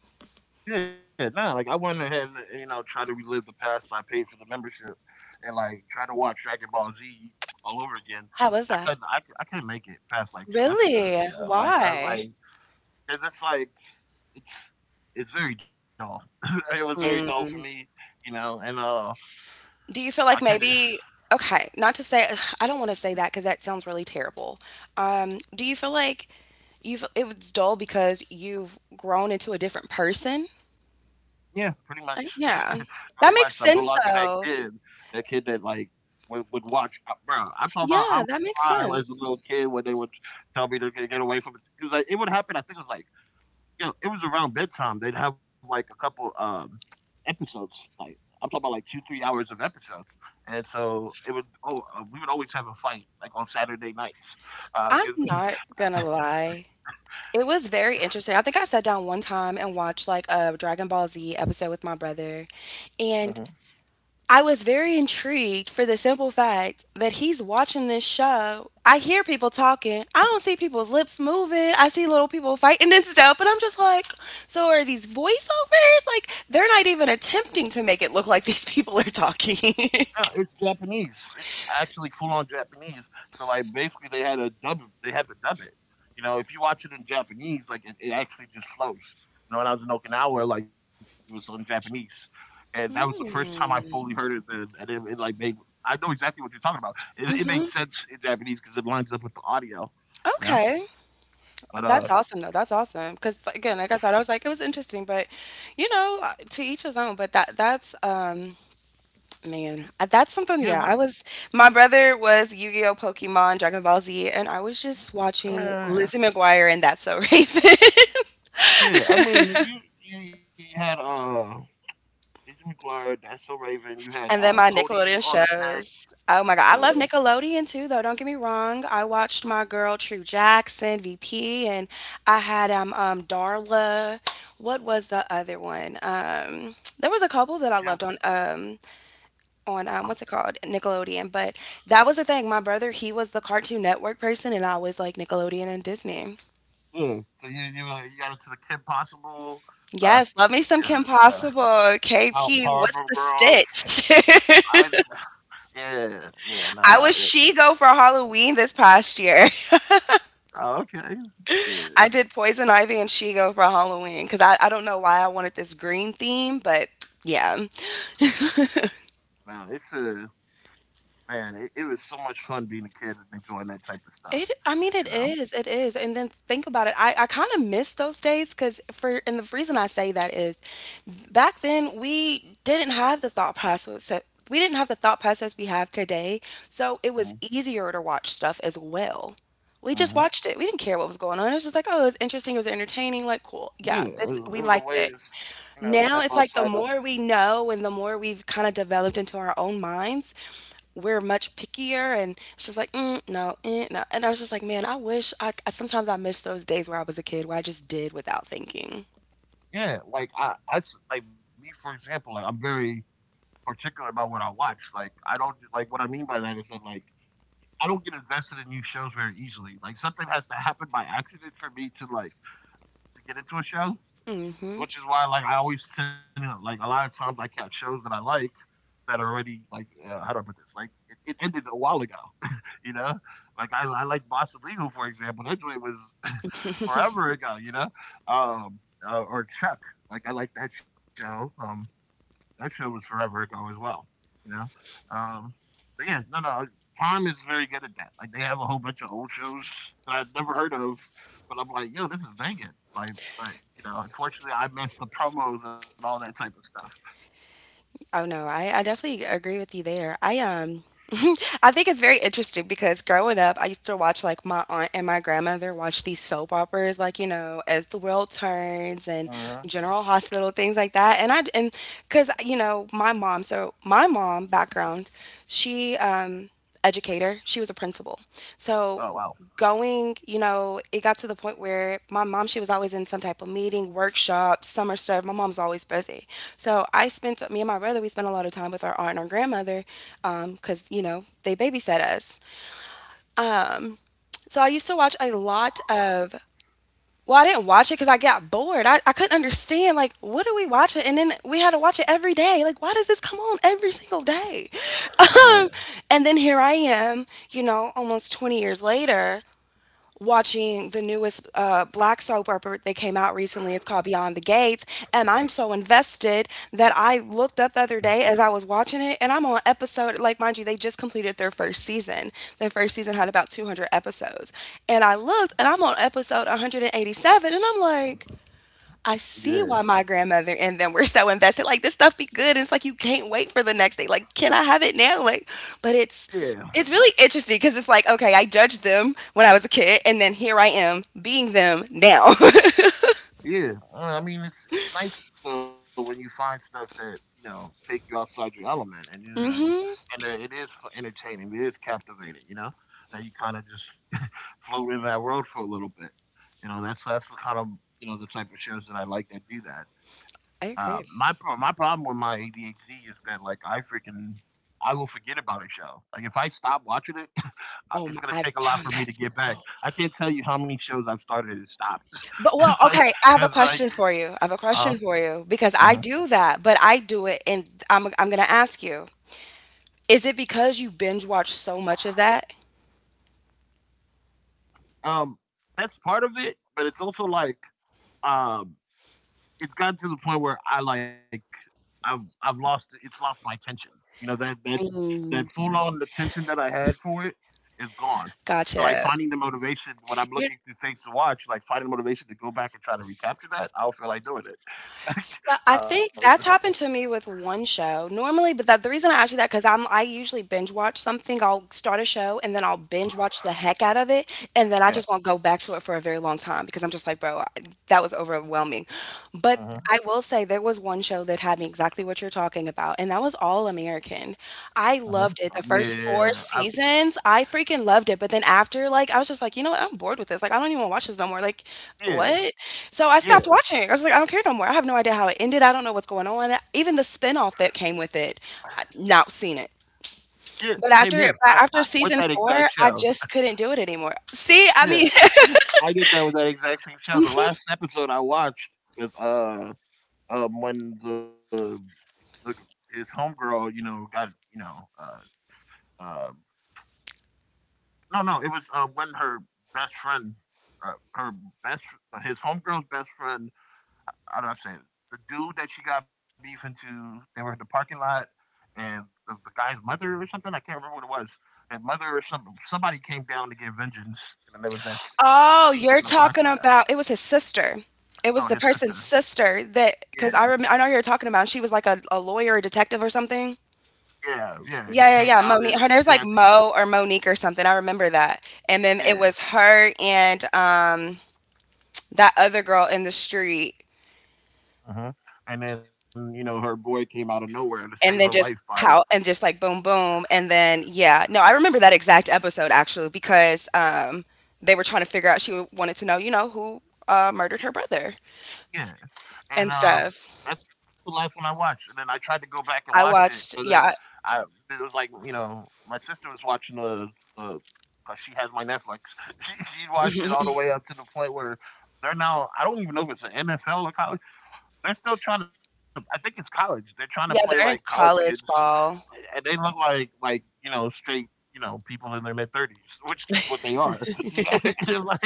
Yeah, nah, like I went ahead and you know try to relive the past. So I paid for the membership and like try to watch Dragon Ball Z all over
How
again.
was that?
I couldn't, I couldn't make it past like two
Really?
episodes. Yeah, like
Why?
I was like, cause it's very dull. it was very dull for me, you know, and
Do you feel like
I couldn't.
maybe, okay, not to say, I don't want to say that because that sounds really terrible. Do you feel like you've, it was dull because you've grown into a different person?
Yeah, pretty much.
Yeah.
pretty
That
much. I'm
makes
no
sense
longer that
though.
kid. That kid that like would watch, bro. I'm talking about I
Yeah,
would
that makes
cry as a
sense.
little kid when they would tell me to get away from it because like it would happen. I think it was like you know it was around bedtime. They'd have like a couple episodes. Like I'm talking about like 2 3 hours of episodes. And so it would. Oh, we would always have a fight like on Saturday nights
I'm
because…
not gonna lie. It was very interesting. I think I sat down one time and watched like a Dragon Ball Z episode with my brother, and I was very intrigued for the simple fact that he's watching this show. I hear people talking. I don't see people's lips moving. I see little people fighting and stuff, but I'm just like, so are these voiceovers? Like, they're not even attempting to make it look like these people are talking.
No, it's Japanese. It's actually full on Japanese. So like basically they had to dub it. You know, if you watch it in Japanese, like it actually just flows. You know, when I was in Okinawa, like it was on Japanese. And that was the first time I fully
Hmm.
heard it and, and it like made… I know exactly what you're talking about. It made
Mm-hmm.
sense in Japanese because it lines up with the audio, you know?
Okay.
But
That's awesome, though. That's awesome. Because again, like I said, I was like, it was interesting, but you know, to each his own. But that's man, that's
yeah,
something.
what
Yeah, I was. My brother was Yu-Gi-Oh, Pokemon, Dragon Ball Z, and I was just watching
uh,
Lizzie McGuire and That's So Raven.
yeah, I mean you had Lizzie McGuire, That's So Raven, you had
And then my
Cody
Nickelodeon
on the deck.
shows. Oh my God. I love
Uh,
Nickelodeon too, though. Don't get me wrong. I watched my girl True Jackson, VP, and I had um, Darla. What was the other one? There was a
the
couple
Kim
that I loved on what's it called? Nickelodeon. But that was the thing. My brother, he was the Cartoon Network person and I was like Nickelodeon and Disney.
Yeah. So you got into the Kim Possible, uh,
Yes, love me some Kim
yeah,
Possible. KP,
Powerpuff
what's the
Girls. I was
stitch?
Yeah, yeah,
I
no.
was she go for Halloween this past year.
Oh, okay.
I
Yeah.
did Poison Ivy and Shigo for Halloween because I don't know why I wanted this green theme, but yeah.
No, it's man, it was so much fun being a kid and enjoying that type of
It,
stuff,
I mean, it
you know?
is, it is. And then think about it. I kind of miss those days because for, and the reason I say that is back then we didn't have the thought process. We didn't have the thought process we have today. So it
Mm-hmm.
was easier to watch stuff as well. We just
Mm-hmm.
watched it. We didn't care what was going on. It was just like, oh, it was interesting. It was entertaining. Like, cool. Yeah,
Yeah,
this,
it
we
was a
liked
way
it.
to, you know, step
Now it's
outside of…
like the more we know and the more we've kind of developed into our own minds, we're much pickier and it's just like, mm, no, eh, no. And I was just like, man, I sometimes I miss those days where I was a kid where I just did without thinking.
Yeah, like, like me, for example, like, I'm very particular about what I watch. Like, what I mean by that is that, like, I don't get invested in new shows very easily. Like something has to happen by accident for me to to get into a show,
Mm-hmm.
which is why like I always tend to like a lot of times I catch shows that I like that are already like how do I put this? Like it ended a while ago, you know. Like I like Boston Legal, for example. That joint was forever ago, you know. Um, or Chuck. Like I like that show. That show was forever ago as well, you know. Um, but yeah, no, Prime is very good at that. Like they have a whole bunch of old shows that I'd never heard of, but I'm like, yo, this is banging. Like, but you know, unfortunately, I missed the promos and all that type of stuff.
Oh no, I definitely agree with you there. I I think it's very interesting because growing up, I used to watch like my aunt and my grandmother watch these soap operas, like you know, As the World Turns and
Uh-huh.
General Hospital, things like that. And I and because you know my mom, so my mom background, she educator, she was a principal, so
Oh wow,
going, you know, it got to the point where my mom, she was always in some type of meeting, workshop, summer stuff. My mom's always busy. So I spent, me and my brother, we spent a lot of time with our aunt and our grandmother because, you know, they babysat us. So I used to watch a lot of, well, I didn't watch it because I got bored. I couldn't understand, like, what are we watching? And then we had to watch it every day. Like, why does this come on every single day?
man,
Um, and then here I am, you know, almost 20 years later, watching the newest black soap opera that came out recently. It's called Beyond the Gates. And I'm so invested that I looked up the other day as I was watching it, and I'm on episode, like, mind you, they just completed their first season. Their first season had about 200 episodes. And I looked, and I'm on episode 187, and I'm like, I see why my
yeah,
grandmother and them were so invested. Like this stuff be good. It's like you can't wait for the next day. Like, can I have it now? Like, but
yeah,
it's really interesting because it's like, okay, I judged them when I was a kid, and then here I am being them now.
yeah. I mean, it's nice though when you find stuff that you know take you outside your element, and
Hmm.
it is entertaining, it is captivating, you know, and you kind of just float in that world for a little bit. You know, that's the kind of you know the type of shows that I like that do that.
I agree.
My problem with my ADHD is that like I freaking I will forget about a show. Like if I stop watching it,
Oh my,
it's
I've
gonna take a
done
lot
that
for me to get
so.
back. I can't tell you how many shows I've started and stopped.
But well,
it's
okay,
like
I have a
because
question
like
for you. I have a question
uh,
for you because I
uh-huh.
do that, but I do it, and I'm gonna ask you: Is it because you binge watch so much of that?
um that's part of it, but it's also like um it's gotten to the point where I like I've lost… it's lost my attention. You know that
Mm,
full on attention that I had for it is gone. So like
gotcha.
finding the motivation when I'm looking through things to watch, like finding the motivation to go back and try to recapture that, I don't feel like doing
So,
it.
I think
so
that's happened to me with one show. Normally but that the reason I ask you that because 'cause I usually binge watch something. I'll start a show, and then I'll binge watch the heck out of it, and then I just
yeah,
won't go back to it for a very long time because I'm just like, "Bro, I that was overwhelming." But I
uh-huh.
will say there was one show that had me exactly what you're talking about, and that was All American. I loved
Uh-huh.
it. The
I
first 4
mean,
seasons, I freaking loved it, but then after, like, I was just like, "You know what? I'm bored with this. Like, I don't even wanna watch this no more." Like, what?
yeah,
So I stopped
yeah,
watching I was like, I don't care no more. I have no idea how it ended. I don't know what's going on. Even the spinoff that came with it, I not seen it.
yeah.
But after
Same here.
but after
I
season
with that
four,
exact
I
show.
just couldn't do it anymore. See, I mean,
Yeah, I did that with that exact same show. The last episode I watched was when the his homegirl, you know, got you know, uh, uh, no, no, it was when her best friend, uh, her best, his homegirl's best friend. How do I say it? The dude that she got beef into, they were in the parking lot, and the guy's mother or something. I can't remember what it was. And mother or somebody came down to get vengeance, and then there was that
oh,
scene
you're
in the
talking
parking lot.
about it was his sister. It was
No,
the
his sister.
person's sister that
Yeah,
because I remember I know who you're talking about. And she was like a lawyer or detective or something.
yeah, yeah. She
Yeah,
came
yeah, yeah.
down
Monique. Her name's
and
like
had that.
Mo or Monique or something. I remember that. And then it was
Yeah.
her and that other girl in the street.
Uh huh. And then, you know, her boy came out of nowhere to
And
save
then
her
just
life by…
pow and just like boom boom, and then yeah. No, I remember that exact episode actually because, they were trying to figure out she wanted to know, who, murdered her brother
Yeah.
and
And,
stuff.
that's the last one I watched, and then I tried to go back and
I
watch it,
watched,
but then
yeah.
I it was like, you know, my sister was watching the because she has my Netflix. She watched it all the way up to the point where they're now… I don't even know if it's an NFL or college. They're still trying to… I think it's college. They're trying to play
Yeah,
like
they're in
college kids.
college ball.
And they look like you know straight you know people in their mid thirties, which is what they are. You know, it's like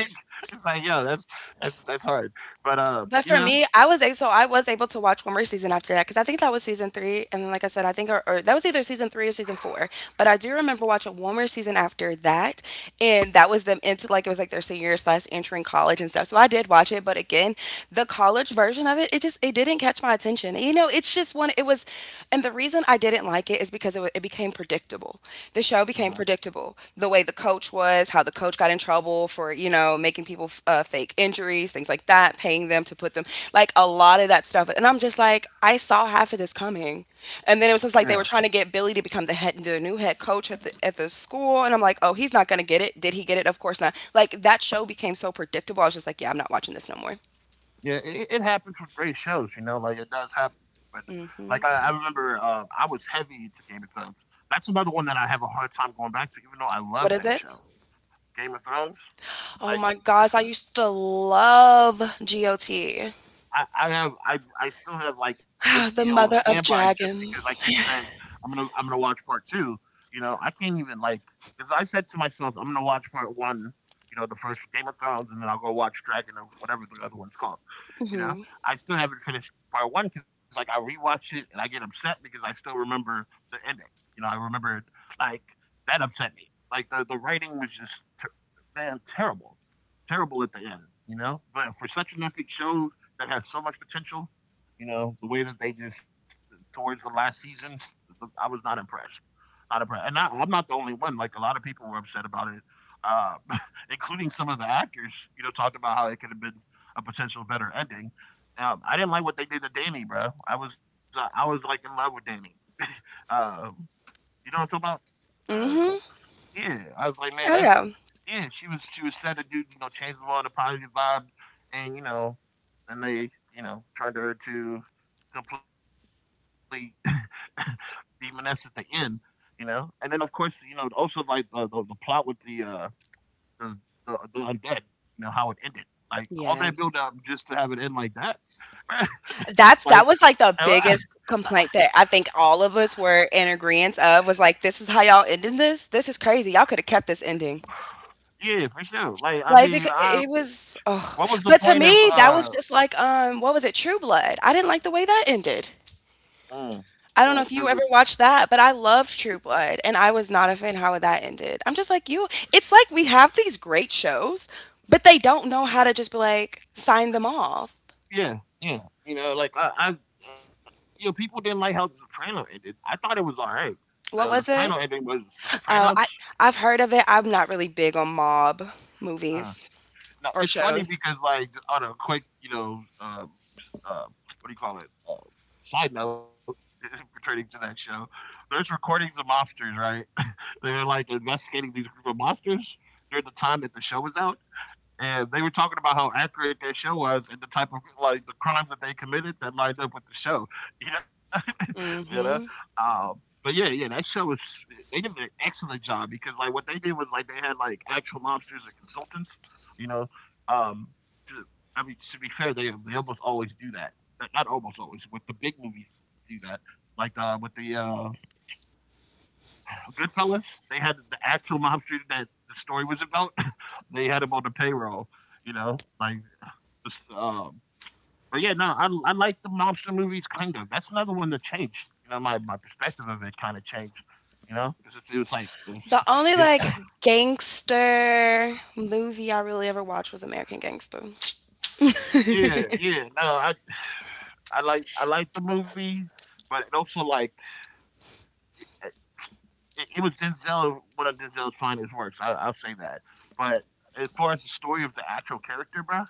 yo, that's hard. But
But for
you know,
me, I was a so I was able to watch one more season after that because I think that was season 3, and then, like I said, I think or that was either season 3 or season 4, but I do remember watching one more season after that, and that was them into, like it was, like, their senior year slash entering college and stuff, so I did watch it, but again, the college version of it, it just it didn't catch my attention, you know, it's just one it was. And the reason I didn't like it is because it became predictable. The show became
mhm.
predictable. The way the coach was, how the coach got in trouble for, making people fake injuries, things like that, paying them to put them, like a lot of that stuff. And I'm just like, I saw half of this coming. And then it was
Yeah,
just like they were trying to get Billy to become the new head coach at the school. And I'm like, oh, he's not going to get it. Did he get it? Of course not. Like that show became so predictable. I was just like, yeah, I'm not watching this no more.
yeah, it happens with great shows. You know, like it does happen. Like I remember, I was heavy into Game of Thrones. That's another one that I have a hard time going back to, even though I love
What
that
is it?
show, Game of Thrones. Like
Oh my gosh, I used to love GOT,
I still have, like, HBO on
the mother
standby
of
just because I keep
dragons.
saying, I'm gonna watch part 2," you know? I can't even, like… because I said to myself, "I'm gonna watch part 1," you know, the first Game of Thrones, and then I'll go watch Dragon or whatever the other one's called, you know? I still haven't finished part one because like, I rewatch it and I get upset because I still remember the ending, you know? I remembered, like… that upset me. Like, the writing was just ter man, terrible, terrible at the end, you know? But for such an epic show that has so much potential. You know, the way that they just towards the last seasons, I was not impressed. Not impressed, and not, I'm not the only one. Like a lot of people were upset about it, uh, including some of the actors. You know, talked about how it could have been a potential better ending. I didn't like what they did to Danny, bro. I was like in love with Danny. Um, you know what I'm talking about? Uh,
Hmm.
yeah, I was like, man,
Oh,
that's…
yeah.
yeah. She was set to do you know change the world a positive vibe, and you know, and they you know turned her to complete demoness at the end, you know. And then of course also like the plot with the, the undead, you know how it ended. Like all that
Yeah.
build up just to have it end like that.
That's
like
that was
and
like the
I-
biggest complaint that I think all of us were in agreement of was like, this is how y'all ended this? This is crazy. Y'all could have kept this ending.
yeah, for sure. Like I
Like,
mean,
because
I
it was, oh,
what was the
but to
point of
me that was just like, what was it, True Blood. I didn't like the way that ended.
mm,
I don't know
'cause
if you ever watched that, but I loved True Blood and I was not a fan how that ended. I'm just like you, it's like we have these great shows, but they don't know how to just be like sign them off.
yeah, yeah. You know, like I people didn't like how The Soprano ended. I thought it was all right. The
What was
Soprano
it?
ending was The Sopranos.
Oh, I've heard of it. I'm not really big on mob
Uh,
movies
Now
or
it's funny
shows.
because, like, just on a quick, uh, what do you call it? Side note pertaining to that show, there's recordings of mobsters, right? They were like investigating these group of monsters during the time that the show was out. And they were talking about how accurate their show was and the type of like the crimes that they committed that lined up with the show. You know, You know?
Hmm.
But yeah, yeah, that show was they did an excellent job because like what they did was like they had like actual mobsters and consultants, you know. Um to, I mean to be fair, they almost always do that. Not almost always, with the big movies do that. Like with the Goodfellas, they had the actual mobster that the story was about. They had him on the payroll, you know, like this, um but yeah, no, I like the monster movies kind of. That's another one that changed. You know, my perspective of it kind of changed. You know, 'cause it was like, it was,
The only
you know,
like gangster movie I really ever watched was American Gangster.
yeah, yeah. No, I I like the movie, but it also like it, it was Denzel one of Denzel's finest works. I'll say that. But as far as the story of the actual character, bro,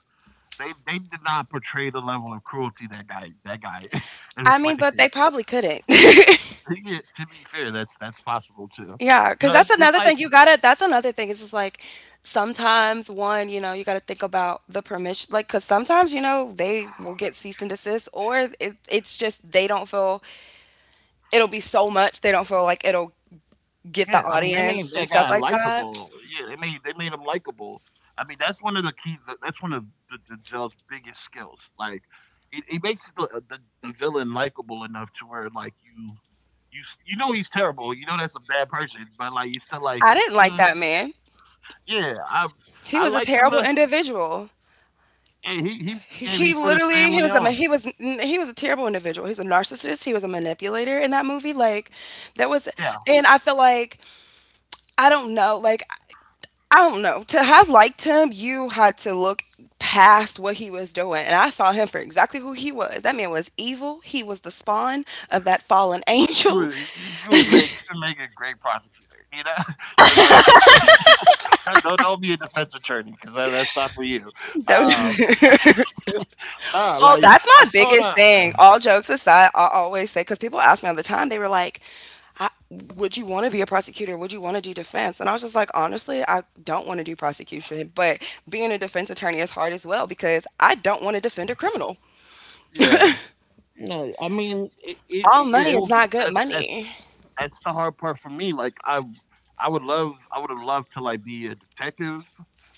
they did not portray the level of cruelty that guy
I mean, but
inflicted.
they probably couldn't.
Yeah, to be fair, that's possible too.
Yeah,
You
because
know,
that's
it's
another
like
thing you gotta. That's another thing. It's just like sometimes one, you gotta think about the permission. Like, because sometimes they will get cease and desist, or it's just they don't feel it'll be so much they don't feel like it'll get the
yeah, I mean, they made
audience and
that
stuff
guy
like that.
likable. Yeah, they made him likable. I mean, that's one of the keys. That's one of the Gel's biggest skills. Like, it makes the villain likable enough to where like you know he's terrible. You know that's a bad person, but like you still like
I didn't like
yeah,
that man.
yeah. I
He
I
was a
liked him.
terrible individual.
And he he he gave
He
he put his
literally, he
family
was a ma-
on.
he was he was a terrible individual. He's a narcissist. He was a manipulator in that movie. Like that was,
Yeah,
and I feel like I don't know. Like I don't know, to have liked him, you had to look past what he was doing, and I saw him for exactly who he was. That man was evil. He was the spawn of that fallen angel.
you would make a great prosecutor. You know, it's like don't be a defense attorney because that's not for you.
That
Uh,
was—
Nah,
Oh, that's my biggest thing. All jokes aside, I always say because people ask me all the time. They were like, I, would you want to be a prosecutor? Would you want to do defense? And I was just like, honestly, I don't want to do prosecution, but being a defense attorney is hard as well because I don't want to defend a criminal.
yeah. No, I mean,
All
yeah, it
money
will
is
be,
not good
that's
money.
that's the hard part for me. I would love, I would have loved to like be a detective,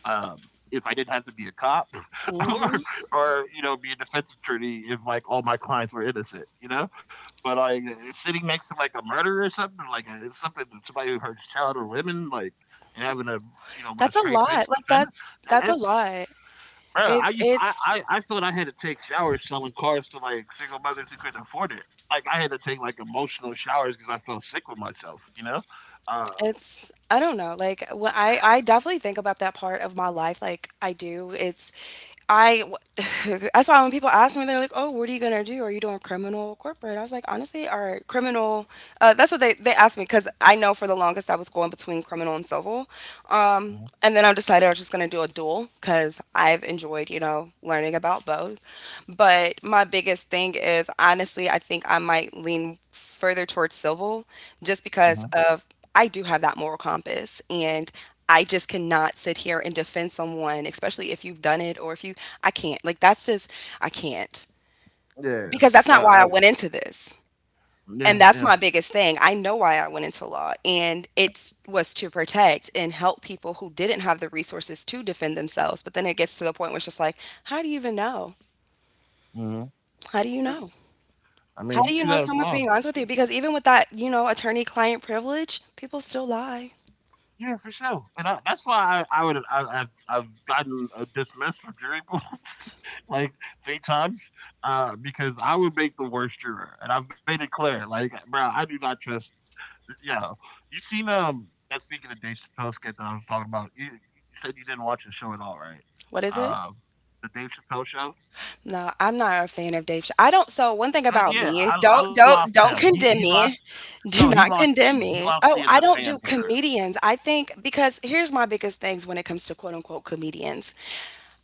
if I didn't have to be a cop,
Hmm.
or you know, be a defense attorney if like all my clients were innocent, you know. But like sitting next to like a murderer or something, like something somebody who hurts child or women, like and having a you know with a
That's a
straight
lot.
face
Like
defend,
that's
and
that's a
that's
lot.
I don't know,
It's
I
it's
I I thought I had to take showers selling cars to, like, single mothers who couldn't afford it. Like, I had to take, like, emotional showers because I felt sick with myself, you know? Uh
It's I don't know, like, what I definitely think about that part of my life, like, I do, it's I w That's why when people ask me, they're like, "Oh, what are you gonna do? Are you doing criminal or corporate?" I was like, "Honestly, or criminal," that's what they asked me because I know for the longest I was going between criminal and civil,
Mhm,
and then I decided I was just gonna do a dual because 'cause I've enjoyed, learning about both, but my biggest thing is, honestly, I think I might lean further towards civil just because
mhm.
of I do have that moral compass and I just cannot sit here and defend someone, especially if you've done it or if you I can't. Like that's just I can't.
Yeah.
Because that's not
Well,
why I
I
went into this.
yeah,
And
yeah.
that's my biggest thing. I know why I went into law and it was to protect and help people who didn't have the resources to defend themselves. But then it gets to the point where it's just like, how do you even know?
Mhm.
How do you
Yeah.
know?
I
How
mean, you
do you
do
know
that
someone's
enough.
being honest with you? Because even with that, attorney client privilege, people still lie.
Yeah, for sure. And I that's why I would I I've gotten, dismissed from jury pools, like, 3 times, because I would make the worst juror, and I've made it clear, like, "Bro, I do not trust yeah. You seen that speaking of Dave Chappelle skit that I was talking about, you said you didn't watch the show at all, right?
What is it?
Um the Dave Chappelle show?
No, I'm not a fan of Dave Ch. I don't. So one thing about
Yeah,
me, don't
I lost
don't
him.
don't
He
condemn
lost
me.
no,
Do
he
not
lost
condemn
me. He
me.
lost
Oh,
me as
I
a
don't
fan
do
for sure.
comedians. I think because here's my biggest things when it comes to quote unquote comedians.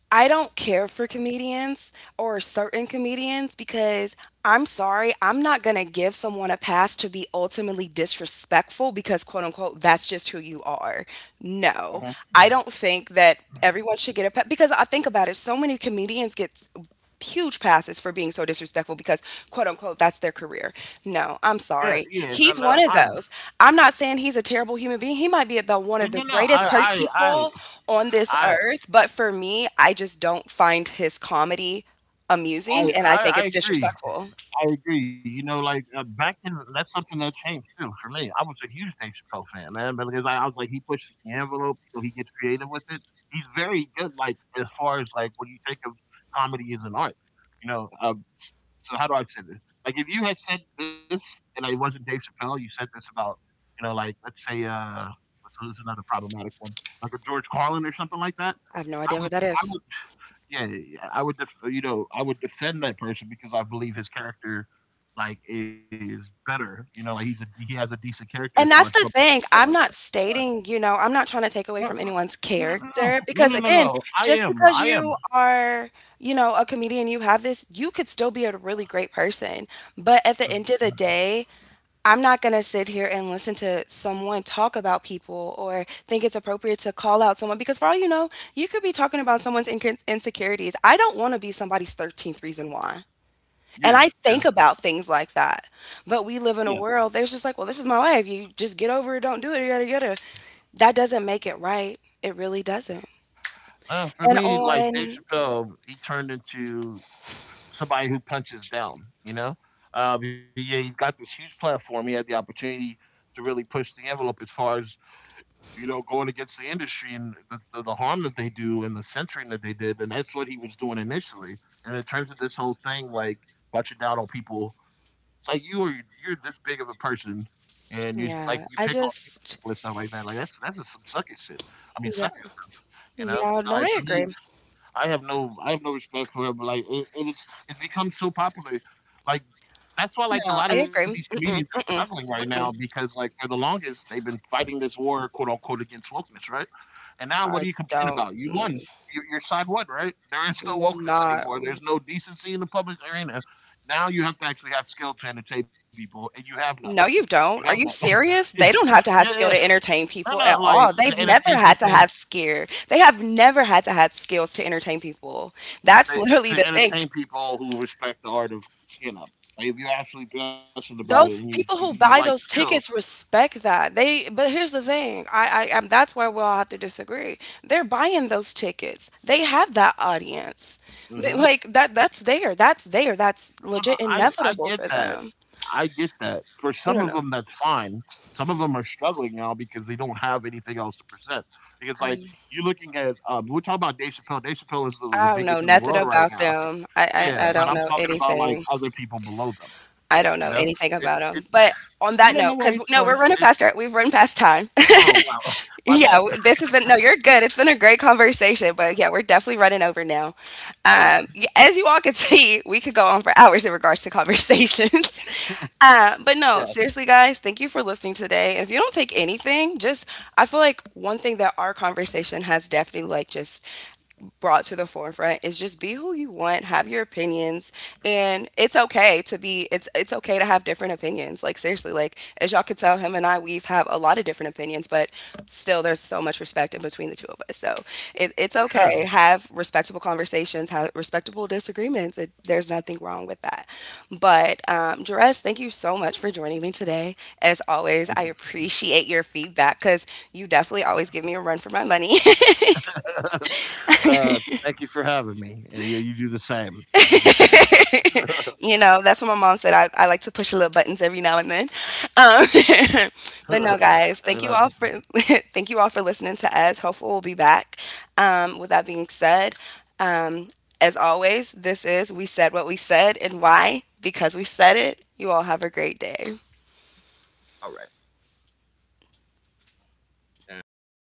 I don't care for comedians or certain comedians because I'm sorry, I'm not gonna give someone a pass to be ultimately disrespectful because quote unquote that's just who you are. No.
Mhm.
I don't think that everyone should get a pass because I think about it, so many comedians get huge passes for being so disrespectful because quote unquote that's their career. No, I'm
Yeah,
sorry.
yeah, no,
He's
no,
one of
I'm
those. I'm not saying he's a terrible human being. He might be about one
and
of
you
the
know, I
greatest people on this
I
earth, but for me, I just don't find his comedy amusing and I think
I
it's
agree.
disrespectful.
I agree. You know, like, back in that's something that changed too for me. I was a huge Dave Chappelle fan, man, but because I was like, he pushes the envelope, you know, he gets creative with it. He's very good, like, as far as, like, when you think of comedy as an art, you know? So how do I say this? Like, if you had said this and I wasn't Dave Chappelle, you said this about, you know, like, let's say, what's who's another problematic one? Like a George Carlin or something like that,
I have no
I
idea who
would
that
I
is.
would yeah, yeah, I would, you know, I would defend that person because I believe his character, like, is better. You know, like he has a decent character as far as
And
public
that's the thing,
persona.
I'm not
But
stating, I'm not trying to take
no,
away from anyone's
no, no, no,
character
no, no,
because,
no.
again,
no, I
just
am,
because
I am.
you are, a comedian, you have this, you could still be a really great person. But at the end
Mm-hmm,
of the day, I'm not going to sit here and listen to someone talk about people or think it's appropriate to call out someone because, for all you know, you could be talking about someone's insecurities. I don't want to be somebody's 13th reason why. And
yeah,
I
yeah,
think about things like that, but we
yeah.
live in a world that's just like, well, this is my life. You just get over it, don't do it, yada yada. That doesn't make it right. It really doesn't.
For
And
me, like Dave
on,
Chappelle, he turned into somebody who punches down. You know, but yeah, he's got this huge platform. He had the opportunity to really push the envelope as far as you know, going against the industry and the harm that they do and the censoring that they did. And that's what he was doing initially. And in terms of this whole thing, like bunching down on people, it's like you're this big of a person, and you
yeah,
pick
I
on people
just,
and stuff like that. Like that's just some sucky shit. I mean,
yeah,
sucker stuff. You know,
yeah,
so
no,
like
I
for
agree.
me, I have no respect for her, but like it is it's become so popular. Like that's why like a
No,
lot
I
of these
agree.
comedians
Mm-mm,
are struggling
mm-mm.
right now because like for the longest they've been fighting this war quote unquote against wokeness, right? And now what do
I
you complain
don't.
about? You won. Your side won, right? There is no
Mm,
wokeness
not.
anymore. There's no decency in the public arena. Now you have to actually have skill to entertain people, and you have none.
No, you
You have
don't.
none.
Are you
Yeah,
serious? They don't have to have
yeah.
skill to entertain
No,
people
no.
at
Like
all. They've never had to have skill. They have never had to have skills to entertain people. That's
to
literally the thing.
entertain people who respect the art of skin up. Like if you're actually passionate about it and
Those people
you
who
like
buy those
skill,
tickets respect that. They, but here's the thing. I that's where we'll have to disagree. They're buying those tickets. They have that audience.
hmm,
Like that's there. That's there. That's
you know,
legit
I
inevitable
get
for
that.
them.
I get that. For some of
I
them,
don't know.
that's fine. Some of them are struggling now because they don't have anything else to present. Because like
I'm,
you're looking at, we're talking about Dave Chappelle. Dave Chappelle is the
I don't know
biggest in the
nothing
world right
about
now.
them. I
Yeah,
don't
but I'm
know
talking about
anything.
like other people below them. You
I
know,
don't know anything about
it's
them. But
I don't
on
know
that
where
note,
it's
because
going.
no, we're
It's
running past our, we've run past time.
oh wow, my
Yeah,
bad.
this has been, no, you're good. It's been a great conversation, but yeah, we're definitely running over now.
All right,
As you all can see, we could go on for hours in regards to conversations. Uh,
yeah,
but no, seriously, guys, thank you for listening today. And if you don't take anything, just I feel like one thing that our conversation has definitely like just brought to the forefront is just be who you want, have your opinions, and it's okay to be it's okay to have different opinions. Like seriously, like as y'all could tell, him and I we've have a lot of different opinions, but still there's so much respect in between the two of us. So it's
for sure.
okay. Have respectable conversations, have respectable disagreements. There's nothing wrong with that. But Jerez, thank you so much for joining me today. As always, I appreciate your feedback because you definitely always give me a run for my money.
Thank you for having me. And yeah, you do the same. You do the same.
You know that's what my mom said, I like to push little buttons every now and then. um, but no, guys,
And
thank you all for thank you all for listening to us. Hopefully we'll be back. With that being said, um, as always, this is we said what we said and why because we said it. You all have a great day.
all right. Uh,